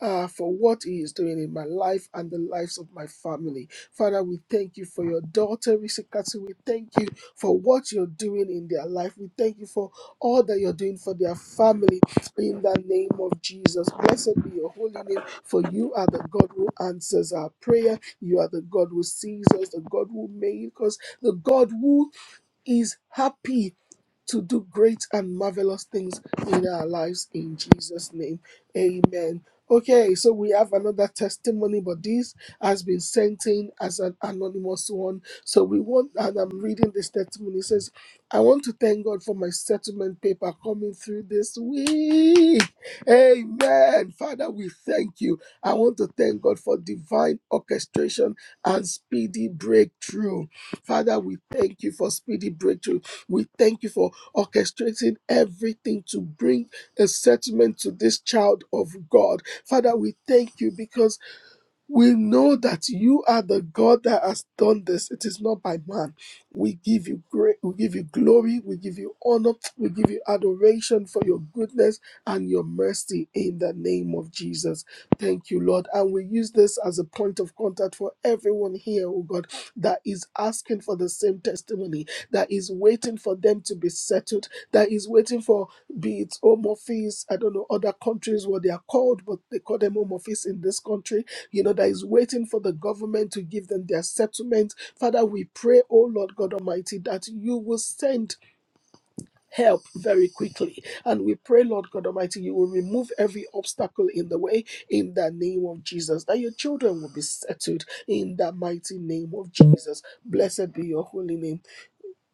H: Uh, for what he is doing in my life and the lives of my family. Father, we thank you for your daughter, Risikatsu. We thank you for what you're doing in their life. We thank you for all that you're doing for their family in the name of Jesus. Blessed be your holy name, for you are the God who answers our prayer. You are the God who sees us, the God who makes us, the God who is happy to do great and marvelous things in our lives in Jesus' name. Amen. Okay, so we have another testimony, but this has been sent in as an anonymous one. So we want, and I'm reading this testimony. It says, I want to thank God for my settlement paper coming through this week. Amen. Father, we thank you. I want to thank God for divine orchestration and speedy breakthrough. Father, we thank you for speedy breakthrough. We thank you for orchestrating everything to bring a settlement to this child of God. Father, we thank you because we know that you are the God that has done this. It is not by man. We give you great, we give you glory, we give you honor, we give you adoration for your goodness and your mercy in the name of Jesus. Thank you, Lord. And we use this as a point of contact for everyone here, oh God, that is asking for the same testimony, that is waiting for them to be settled, that is waiting for be it home office, I don't know, other countries what they are called, but they call them home office in this country you know, that is waiting for the government to give them their settlement. Father, we pray, oh Lord God Almighty, that you will send help very quickly. And we pray, Lord God Almighty, you will remove every obstacle in the way in the name of Jesus, that your children will be settled in the mighty name of Jesus. Blessed be your holy name.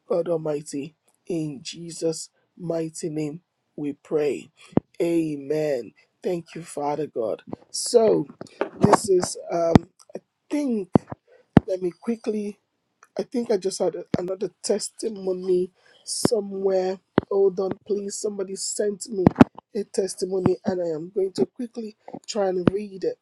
H: God Almighty, in Jesus' mighty name we pray. Amen. Thank you, Father God. So, this is, um, I think, let me quickly, I think I just had a- another testimony somewhere. Hold on, please. Somebody sent me a testimony, and I am going to quickly try and read it.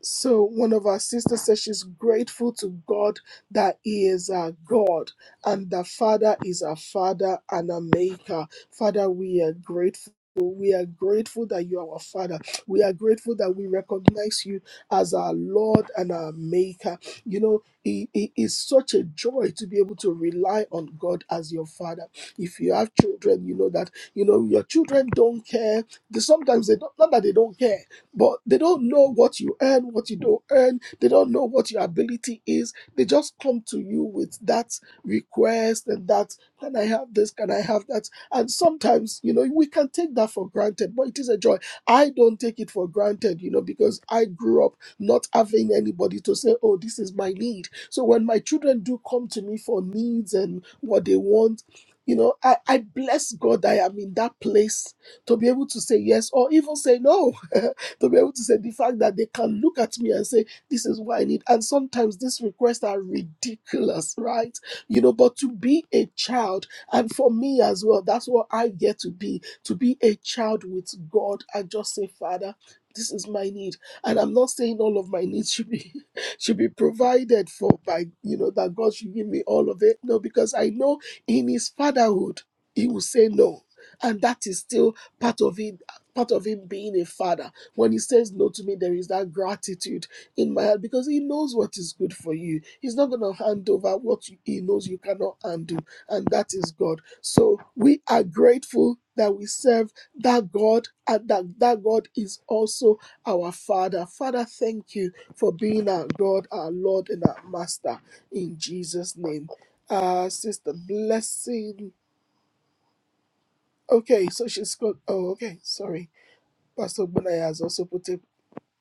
H: So one of our sisters says she's grateful to God that He is our God and that Father is our Father and our Maker. Father, we are grateful. We are grateful that you are our Father. We are grateful that we recognize you as our Lord and our Maker. You know, it, it is such a joy to be able to rely on God as your Father. If you have children, you know that, you know, your children don't care. They, sometimes they don't, not that they don't care but they don't know what you earn, what you don't earn. They don't know what your ability is. They just come to you with that request and that, can I have this? Can I have that? And sometimes, you know, we can take that for granted, but it is a joy. I don't take it for granted, you know, because I grew up not having anybody to say, oh, this is my need. So when my children do come to me for needs and what they want, you know, I, I bless God that I am in that place to be able to say yes or even say no. to be able to say the fact that they can look at me and say, This is what I need. And sometimes these requests are ridiculous, right? You know, but to be a child, and for me as well, that's what I get to be to be a child with God and just say, Father, this is my need. And I'm not saying all of my needs should be should be provided for by you know that God should give me all of it. No, because I know in his fatherhood he will say no. And that is still part of it, part of him being a father. When he says no to me, there is that gratitude in my heart because he knows what is good for you. He's not going to hand over what you- he knows you cannot undo, and that is God. So we are grateful that we serve that God and that that God is also our Father. Father, thank you for being our God, our Lord, and our Master in Jesus' name. Uh, Sister Blessing. Okay, so she's got. Oh, okay, sorry. Pastor Bunaya has also put a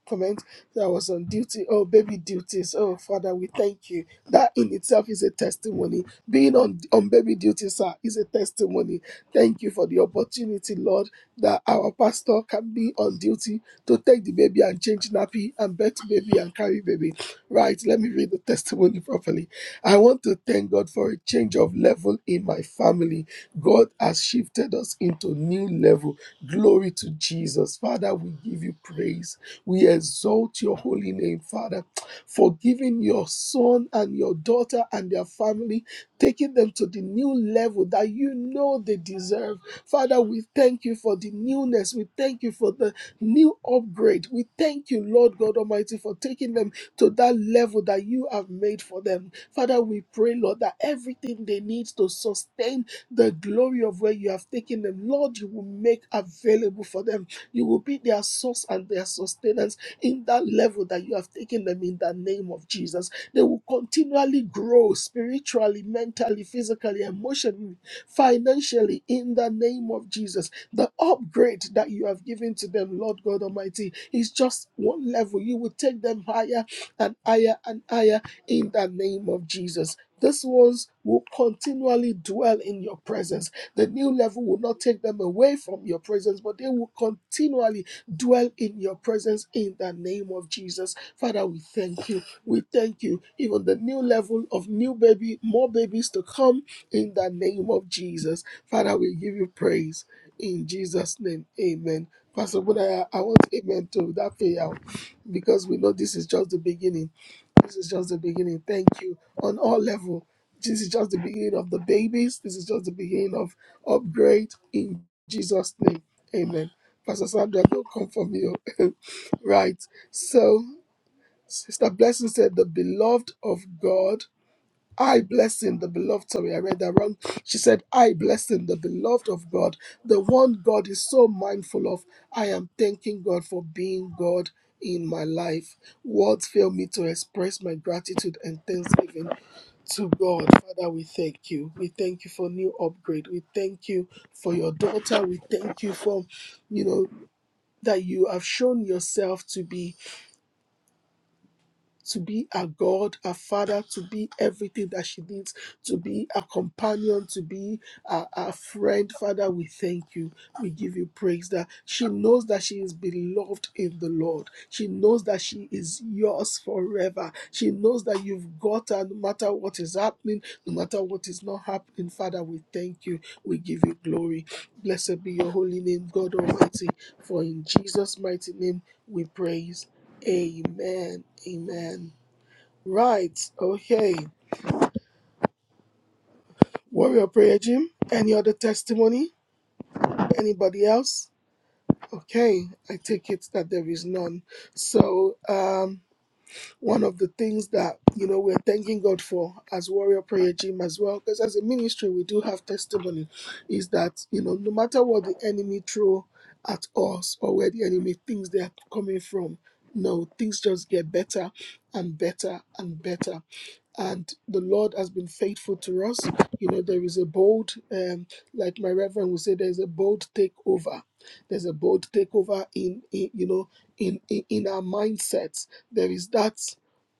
H: comment that I was on duty. Oh, baby duties. Oh, Father, we thank you. That in itself is a testimony. Being on, on baby duty, sir, is a testimony. Thank you for the opportunity, Lord, that our pastor can be on duty to take the baby and change nappy and bet baby and carry baby. Right, let me read the testimony properly. I want to thank God for a change of level in my family. God has shifted us into new level. Glory to Jesus. Father, we give you praise. We exalt your holy name, Father, for giving your son and your daughter and their family, taking them to the new level that you know they deserve. Father, we thank you for the newness. We thank you for the new upgrade. We thank you, Lord God Almighty, for taking them to that level that you have made for them. Father, we pray, Lord, that everything they need to sustain the glory of where you have taken them, Lord, you will make available for them. You will be their source and their sustenance in that level that you have taken them in the name of Jesus. They will continually grow spiritually, mentally, physically, emotionally, financially in the name of Jesus. The upgrade that you have given to them, Lord God Almighty, is just one level. You will take them higher and higher and higher in the name of Jesus. These ones will continually dwell in your presence the new level will not take them away from your presence, but they will continually dwell in your presence in the name of Jesus. Father, we thank you. We thank you. Even the new level of new baby, more babies to come in the name of Jesus. Father, we give you praise in Jesus' name. Amen. Pastor Budaya, I want amen to that prayer because we know this is just the beginning. This is just the beginning. Thank you on all level. This is just the beginning of the babies. This is just the beginning of upgrade in Jesus' name. Amen. Pastor Sandra, don't come for me. right. So, Sister Blessing said, The beloved of God, I blessing the beloved. Sorry, I read that wrong. She said, I blessing the beloved of God, the one God is so mindful of. I am thanking God for being God in my life. Words fail me to express my gratitude and thanksgiving to God. Father, we thank you. We thank you for new upgrade. We thank you for your daughter. We thank you for, you know, that you have shown yourself to be to be a God, a father, to be everything that she needs, to be a companion, to be a, a friend. Father, we thank you. We give you praise that she knows that she is beloved in the Lord. She knows that she is yours forever. She knows that you've got her no matter what is happening, no matter what is not happening. Father, we thank you. We give you glory. Blessed be your holy name, God Almighty. For in Jesus' mighty name we pray. Amen. Amen. Right. Okay. Warrior prayer, gym. Any other testimony? Anybody else? Okay. I take it that there is none. So, um, one of the things that you know we're thanking God for as Warrior Prayer Gym as well, because as a ministry we do have testimony, is that you know no matter what the enemy throw at us or where the enemy thinks they are coming from, no things just get better and better and better and the Lord has been faithful to us. You know, there is a bold, um, like my reverend would say, there's a bold takeover. There's a bold takeover in, in you know, in, in in our mindsets. There is that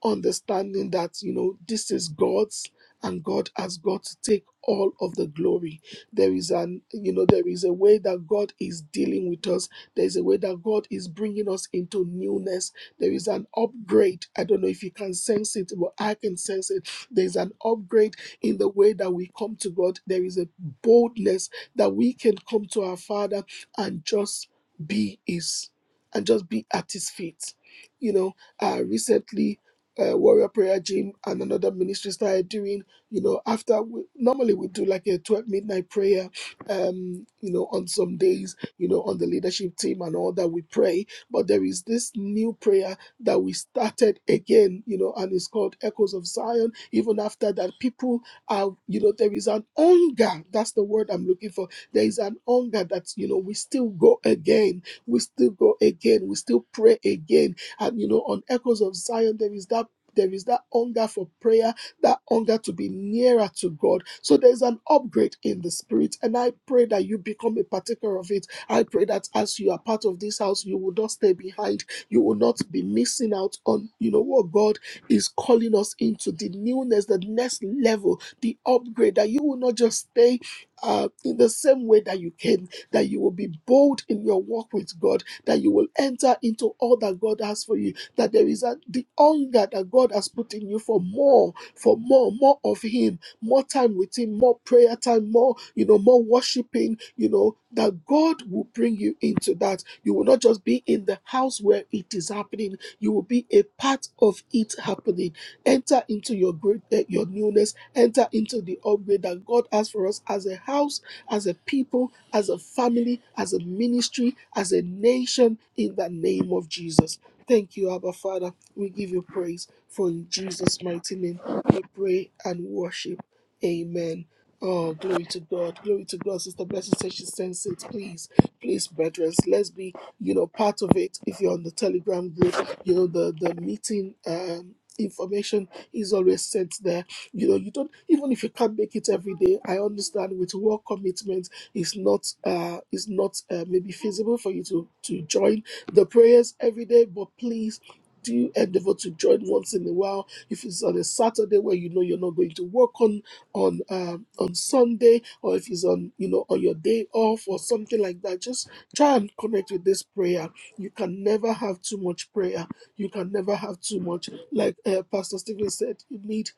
H: understanding that you know this is God's, and God has got to take all of the glory. There is an, you know, there is a way that God is dealing with us. There is a way that God is bringing us into newness there is an upgrade. I don't know if you can sense it, but I can sense it. There is an upgrade in the way that we come to God. There is a boldness that we can come to our Father and just be His, and just be at His feet. You know, uh, recently, uh, Warrior Prayer Gym and another ministry started doing, you know, after we, normally we do like a 12 midnight prayer, um, you know, on some days, you know, on the leadership team and all that we pray but there is this new prayer that we started again, you know, and it's called Echoes of Zion. Even after that, people are, you know, there is an hunger. That's the word I'm looking for. There is an hunger that, you know, we still go again. We still go again. We still pray again. And, you know, on Echoes of Zion, there is that. There is that hunger for prayer, that hunger to be nearer to God. So there's an upgrade in the spirit. And I pray that you become a partaker of it I pray that as you are part of this house, you will not stay behind. You will not be missing out on, you know, what God is calling us into the newness, the next level, the upgrade, that you will not just stay. Uh, in the same way that you came, that you will be bold in your walk with God, that you will enter into all that God has for you, that there is a, the hunger that God has put in you for more, for more, more of Him, more time with him, more prayer time, more, you know, more worshiping, you know, that God will bring you into that. You will not just be in the house where it is happening, you will be a part of it happening. Enter into your great eh, your newness, enter into the upgrade that God has for us as a house, as a people, as a family, as a ministry, as a nation in the name of Jesus. Thank you, Abba Father. We give you praise for in Jesus' mighty name we pray and worship. Amen. Oh, glory to God. Glory to God. Sister Blessing says she sends it. Please, please, brethren, let's be, you know, part of it. If you're on the Telegram group, you know, the, the meeting um, information is always sent there. You know, you don't, even if you can't make it every day, I understand with work commitment, it's not, uh, it's not uh, maybe feasible for you to, to join the prayers every day, but please, do endeavor to join once in a while if it's on a Saturday where you know you're not going to work on on um, on Sunday, or if it's on you know on your day off or something like that, just try and connect with this prayer. You can never have too much prayer. You can never have too much. Like uh, Pastor Stephen said, you need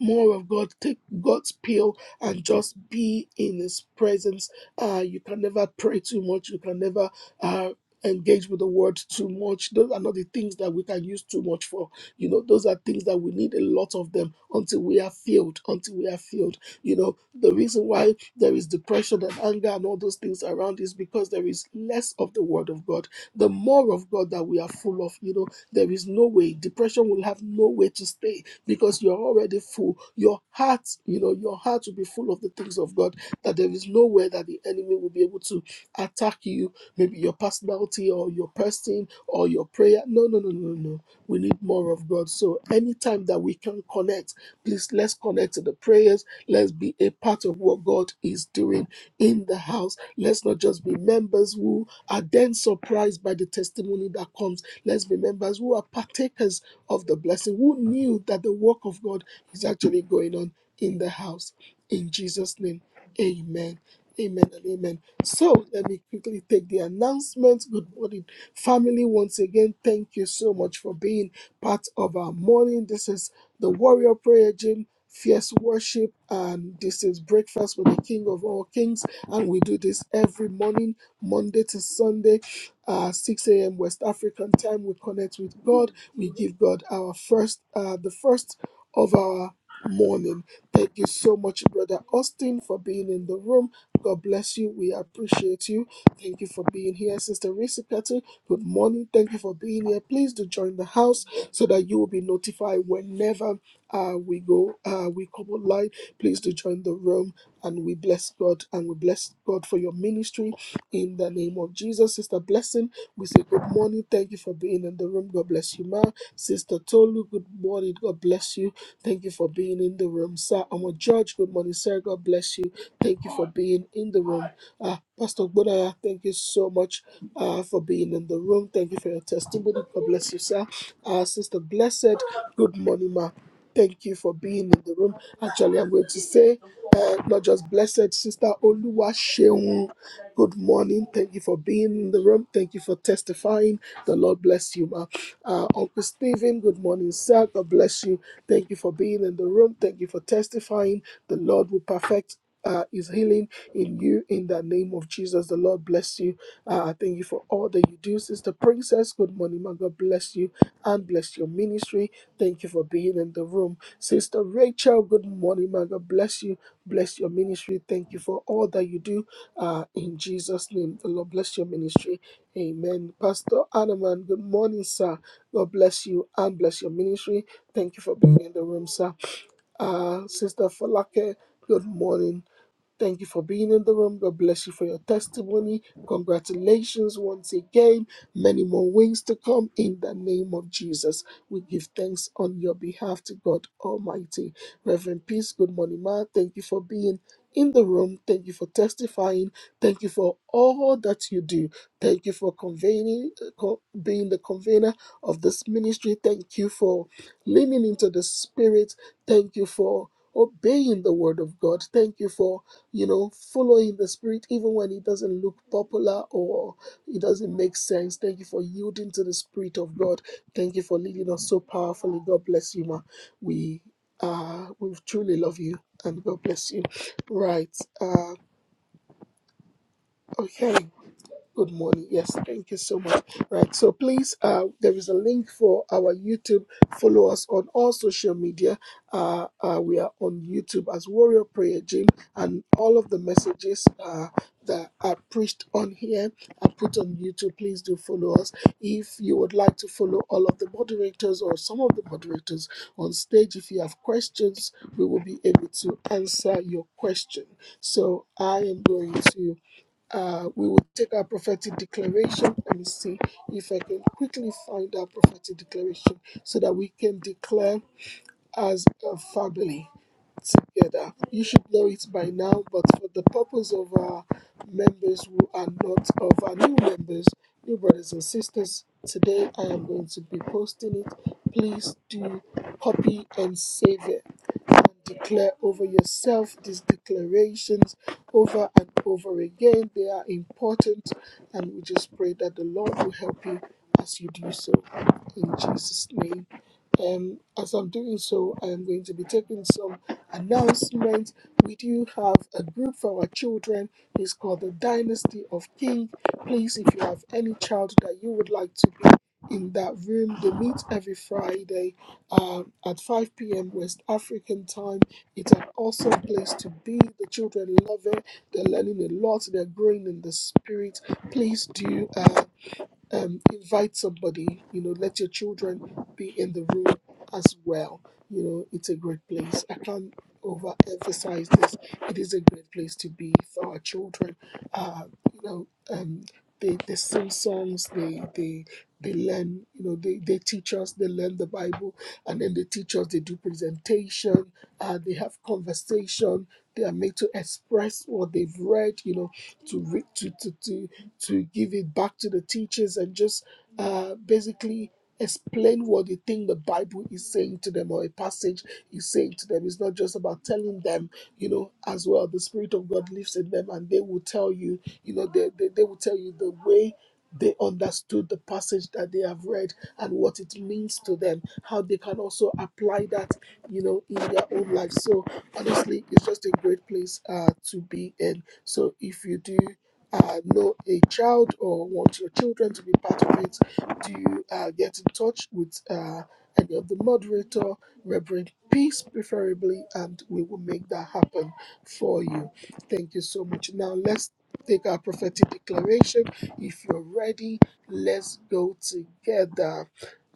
H: more of God. Take God's pill and just be in His presence. Uh, you can never pray too much. You can never. Uh, engage with the word too much those are not the things that we can use too much for you know, those are things that we need a lot of them until we are filled, until we are filled. You know, the reason why there is depression and anger and all those things around is because there is less of the word of God. The more of God that we are full of, you know, there is no way. Depression will have no way to stay because you're already full. Your heart, you know, your heart will be full of the things of God, that there is no way that the enemy will be able to attack you, maybe your personality or your person or your prayer. No, no, no, no, no. no. We need more of God. So, anytime that we can connect, please let's connect to the prayers. Let's be a part of what God is doing in the house. Let's not just be members who are then surprised by the testimony that comes. Let's be members who are partakers of the blessing, who knew that the work of God is actually going on in the house. In Jesus' name, amen. Amen and amen. So let me quickly take the announcements. Good morning. Family, once again, thank you so much for being part of our morning. This is the Warrior Prayer Gym, Fierce Worship, and this is Breakfast with the King of All Kings. And we do this every morning, Monday to Sunday, uh, 6 a.m. West African time. We connect with God. We give God our first, uh, the first of our morning. Thank you so much, Brother Austin, for being in the room. God bless you. We appreciate you. Thank you for being here, Sister Risa Katu. Good morning. Thank you for being here. Please do join the house so that you will be notified whenever uh, we go, uh, we come online Please do join the room and we bless God and we bless God for your ministry in the name of Jesus. Sister Blessing, we say good morning. Thank you for being in the room. God bless you, ma. Sister Tolu, good morning. God bless you. Thank you for being in the room. Sir, Amo George, Good morning, sir. God bless you. Thank you for being in the room. Uh, Pastor Bodaya, thank you so much uh, for being in the room. Thank you for your testimony. God bless you, sir. Uh, Sister Blessed, good morning, ma. Thank you for being in the room. Actually, I'm going to say, uh, not just blessed, Sister Oluwa Sheung. Good morning. Thank you for being in the room. Thank you for testifying. The Lord bless you, ma. Uh, Uncle Stephen, good morning, sir. God bless you. Thank you for being in the room. Thank you for testifying. The Lord will perfect. Uh, is healing in you in the name of Jesus. The Lord bless you. Uh, I thank you for all that you do, Sister Princess. Good morning, ma. God bless you and bless your ministry. Thank you for being in the room. Sister Rachel, good morning, man. God bless you. Bless your ministry. Thank you for all that you do. Uh, in Jesus' name, the Lord bless your ministry. Amen. Pastor Anaman, good morning, sir. God bless you and bless your ministry. Thank you for being in the room, sir. Uh, Sister Falake, good morning. Thank you for being in the room. God bless you for your testimony. Congratulations once again. Many more wings to come in the name of Jesus. We give thanks on your behalf to God Almighty. Reverend Peace, good morning, ma. Thank you for being in the room. Thank you for testifying. Thank you for all that you do. Thank you for conveying co- being the convener of this ministry. Thank you for leaning into the spirit Thank you for obeying the word of God. Thank you for, you know, following the spirit even when it doesn't look popular or it doesn't make sense. Thank you for yielding to the spirit of God. Thank you for leading us so powerfully. God bless you, ma. We uh we truly love you and God bless you. Right. Uh okay. Good morning. Yes, thank you so much. Right. So please, uh, there is a link for our YouTube. Follow us on all social media. Uh, uh, we are on YouTube as Warrior Prayer Gym, and all of the messages uh, that are preached on here are put on YouTube. Please do follow us. If you would like to follow all of the moderators or some of the moderators on stage, if you have questions, we will be able to answer your question. So I am going to uh, we will take our prophetic declaration. Let me see if I can quickly find our prophetic declaration so that we can declare as a family together. You should know it by now, but for the purpose of our members who are not of our new members, new brothers and sisters, today I am going to be posting it. Please do copy and save it and declare over yourself these declarations over and over again. They are important, and we just pray that the Lord will help you as you do so. In Jesus' name. Um, as I'm doing so, I am going to be taking some announcements. We do have a group for our children. It's called the Dynasty of King. Please, if you have any child that you would like to be in that room, they meet every Friday um, at 5 p.m. West African time. It's an awesome place to be. The children love it. They're learning a lot. They're growing in the spirit. Please do. Um, um, invite somebody, you know, let your children be in the room as well. You know, it's a great place. I can't overemphasize this. It is a great place to be for our children. Uh, you know, um, they, they sing songs, they, they, they learn, you know, they, they teach us, they learn the Bible, and then they teach us, they do presentation, uh, they have conversation, they are made to express what they've read, you know, to read, to, to, to to give it back to the teachers and just uh, basically explain what they think the Bible is saying to them or a passage is saying to them. It's not just about telling them, you know, as well. The Spirit of God lives in them and they will tell you, you know, they, they, they will tell you the way they understood the passage that they have read and what it means to them, how they can also apply that, you know, in their own life. So honestly, it's just a great place uh, to be in. So if you do uh, know a child or want your children to be part of it, do you uh, get in touch with uh, any of the moderator, Reverend Peace, preferably, and we will make that happen for you. Thank you so much. Now let's take our prophetic declaration. If you're ready, let's go together.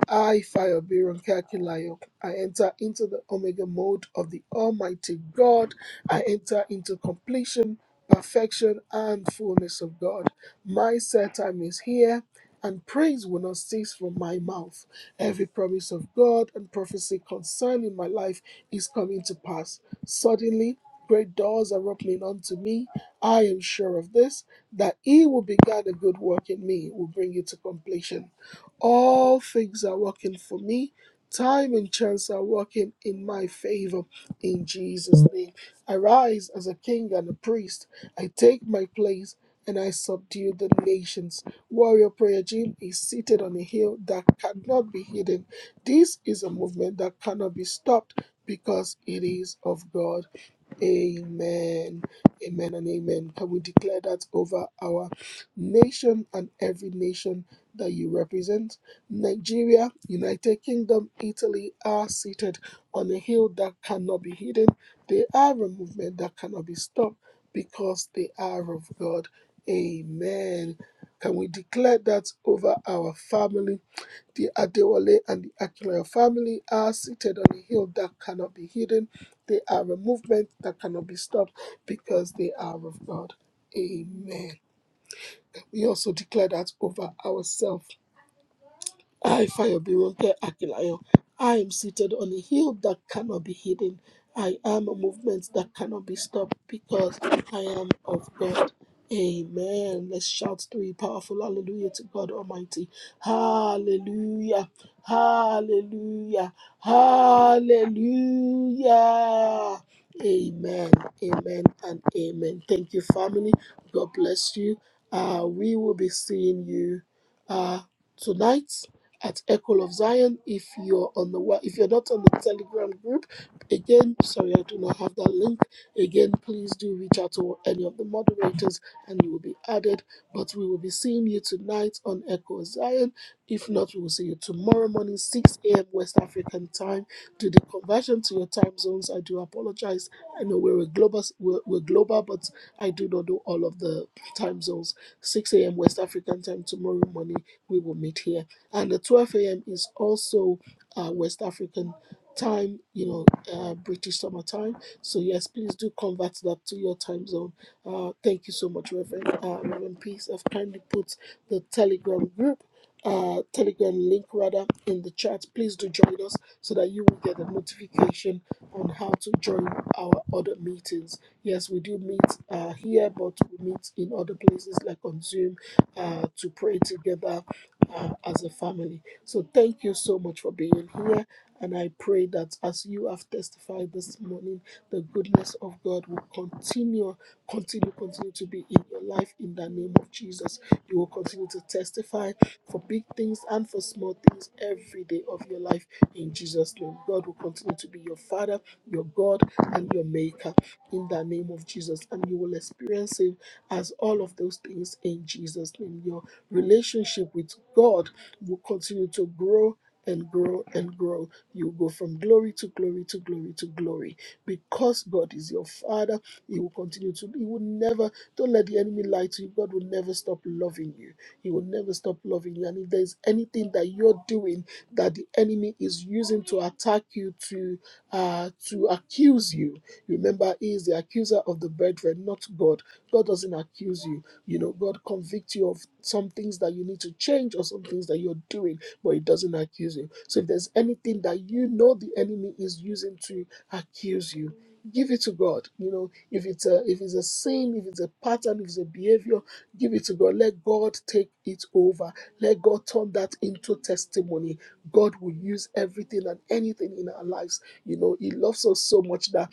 H: I, Fayobiron Kakilayok, I enter into the Omega mode of the Almighty God. I enter into completion, perfection, and fullness of God. My set time is here, and praise will not cease from my mouth. Every promise of God and prophecy concerning my life is coming to pass. Suddenly, great doors are opening unto me. I am sure of this, that he will began a good work in me will bring it to completion. All things are working for me. Time and chance are working in my favor. In Jesus' name, I rise as a king and a priest. I take my place and I subdue the nations. Warrior Prayer Gym is seated on a hill that cannot be hidden. This is a movement that cannot be stopped because it is of God. Amen. Amen and amen. Can we declare that over our nation and every nation that you represent? Nigeria, United Kingdom, Italy are seated on a hill that cannot be hidden. They are a movement that cannot be stopped because they are of God. Amen. Can we declare that over our families? The Adewale and the Akinlayo family are seated on a hill that cannot be hidden. They are a movement that cannot be stopped because they are of God. Amen. We also declare that over ourselves I, Fire Akilayo, I am seated on a hill that cannot be hidden. I am a movement that cannot be stopped because I am of God. Amen. Let's shout three powerful hallelujah to God Almighty. Hallelujah. Hallelujah. Hallelujah. Amen. Amen and amen. Thank you, family. God bless you. Uh, we will be seeing you uh, tonight at Echo of Zion. If you're on the wa- if you're not on the Telegram group, again, sorry, I do not have that link. Again, please do reach out to any of the moderators, and you will be added. But we will be seeing you tonight on Echo of Zion. If not, we will see you tomorrow morning, 6 a.m. West African time. Do the conversion to your time zones. I do apologize. I know we're a global, we're, we're global, but I do not do all of the time zones. 6 a.m. West African time tomorrow morning. We will meet here and the 12 a.m. is also uh, West African time, you know, uh, British summer time. So yes, please do convert that to your time zone. Uh, thank you so much, Reverend. Uh, Reverend Peace, I've kindly put the Telegram group. Uh, telegram link rather in the chat please do join us so that you will get a notification on how to join our other meetings yes we do meet uh, here but we meet in other places like on zoom uh, to pray together uh, as a family. So thank you so much for being here. And I pray that as you have testified this morning, the goodness of God will continue, continue, continue to be in your life in the name of Jesus. You will continue to testify for big things and for small things every day of your life in Jesus' name. God will continue to be your Father, your God, and your Maker in the name of Jesus. And you will experience Him as all of those things in Jesus' name. Your relationship with God will continue to grow and grow and grow. You go from glory to glory to glory to glory. Because God is your Father, He will continue to, He will never, don't let the enemy lie to you. God will never stop loving you. He will never stop loving you. And if there's anything that you're doing that the enemy is using to attack you, to uh, to accuse you, remember, He is the accuser of the brethren, not God. God doesn't accuse you. You know, God convict you of some things that you need to change or some things that you're doing, but He doesn't accuse you. So if there's anything that you know the enemy is using to accuse you, give it to God. You know, if it's a if it's a sin, if it's a pattern, if it's a behavior, give it to God. Let God take it over. Let God turn that into testimony. God will use everything and anything in our lives. You know, He loves us so much that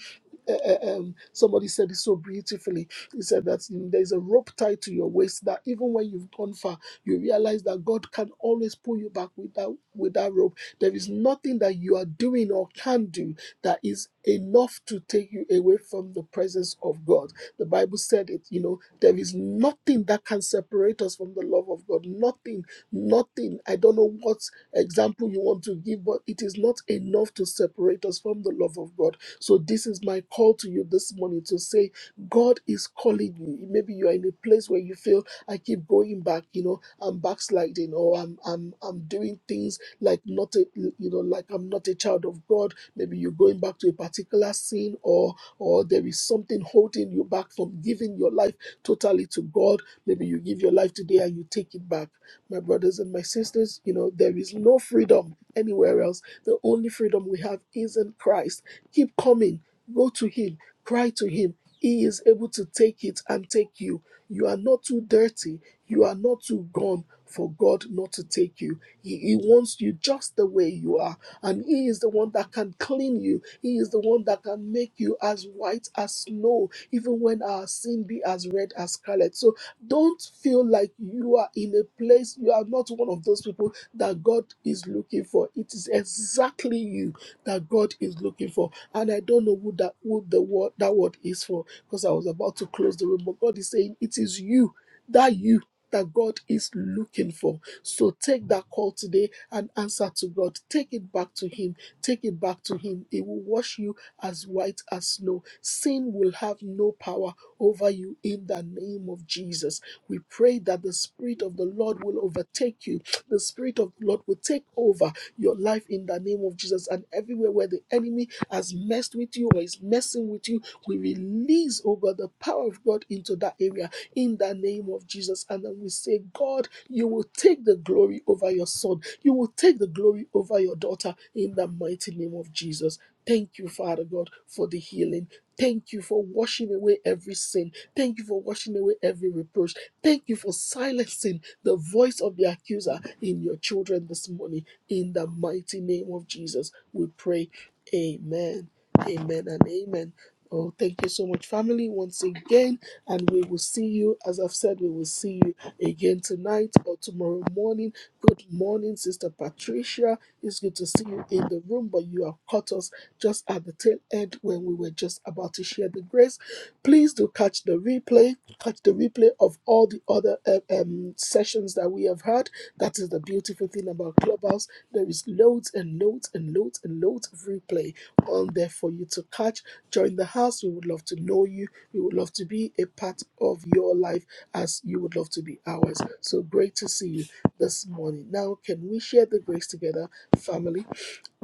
H: uh, uh, um, somebody said it so beautifully he said that there's a rope tied to your waist that even when you've gone far, you realize that God can always pull you back with that, with that rope. There is nothing that you are doing or can do that is enough to take you away from the presence of God. The Bible said it, you know, there is nothing that can separate us from the love of God. Nothing, nothing. I don't know what example you want to give, but it is not enough to separate us from the love of God. So, this is my call to you this morning to say, God is calling you. Maybe you are in a place where you feel I keep going back, you know, I'm backsliding or I'm I'm I'm doing things like not a you know, like I'm not a child of God. Maybe you're going back to a particular sin or or there is something holding you back from giving your life totally to God. Maybe you give your life today and you take it back. My brothers and my sisters, you know, there is no freedom anywhere else. The only freedom we have is in Christ. Keep coming. Go to him, cry to him, he is able to take it and take you. You are not too dirty. You are not too gone for God not to take you. He, he wants you just the way you are. And He is the one that can clean you. He is the one that can make you as white as snow, even when our sin be as red as scarlet. So don't feel like you are in a place, you are not one of those people that God is looking for. It is exactly you that God is looking for. And I don't know who that who the word that word is for because I was about to close the room. But God is saying, It is you, that you that God is looking for. So take that call today and answer to God. Take it back to Him. Take it back to Him. He will wash you as white as snow. Sin will have no power over you in the name of Jesus. We pray that the Spirit of the Lord will overtake you. The Spirit of the Lord will take over your life in the name of Jesus. And everywhere where the enemy has messed with you or is messing with you, we release, oh God, the power of God into that area in the name of Jesus. And then we say, God, you will take the glory over your son. You will take the glory over your daughter in the mighty name of Jesus. Thank you, Father God, for the healing. Thank you for washing away every sin. Thank you for washing away every reproach. Thank you for silencing the voice of the accuser in your children this morning. In the mighty name of Jesus, we pray. Amen. Amen and amen. Oh, thank you so much, family, once again. And we will see you, as I've said, we will see you again tonight or tomorrow morning. Good morning, Sister Patricia. It's good to see you in the room, but you have caught us just at the tail end when we were just about to share the grace. Please do catch the replay, catch the replay of all the other uh, um, sessions that we have had. That is the beautiful thing about Clubhouse. There is loads and loads and loads and loads of replay on there for you to catch Join the house. We would love to know you. We would love to be a part of your life as you would love to be ours. So great to see you this morning. Now, can we share the grace together, family?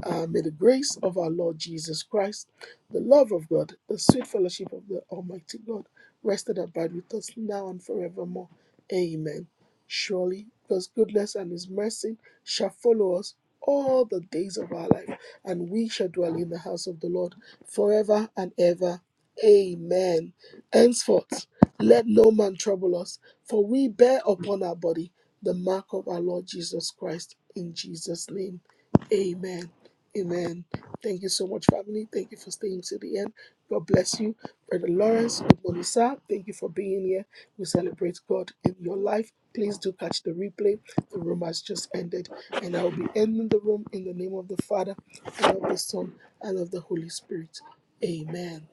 H: Uh, may the grace of our Lord Jesus Christ, the love of God, the sweet fellowship of the Almighty God rest and abide with us now and forevermore. Amen. Surely God's goodness and his mercy shall follow us all the days of our life, and we shall dwell in the house of the Lord forever and ever. Amen. Henceforth, let no man trouble us, for we bear upon our body the mark of our Lord Jesus Christ. In Jesus' name, amen. Amen. Thank you so much, family. Thank you for staying to the end. God bless you. Brother Lawrence, Bonisa, thank you for being here. We celebrate God in your life. Please do catch the replay. The room has just ended. And I will be ending the room in the name of the Father, and of the Son, and of the Holy Spirit. Amen.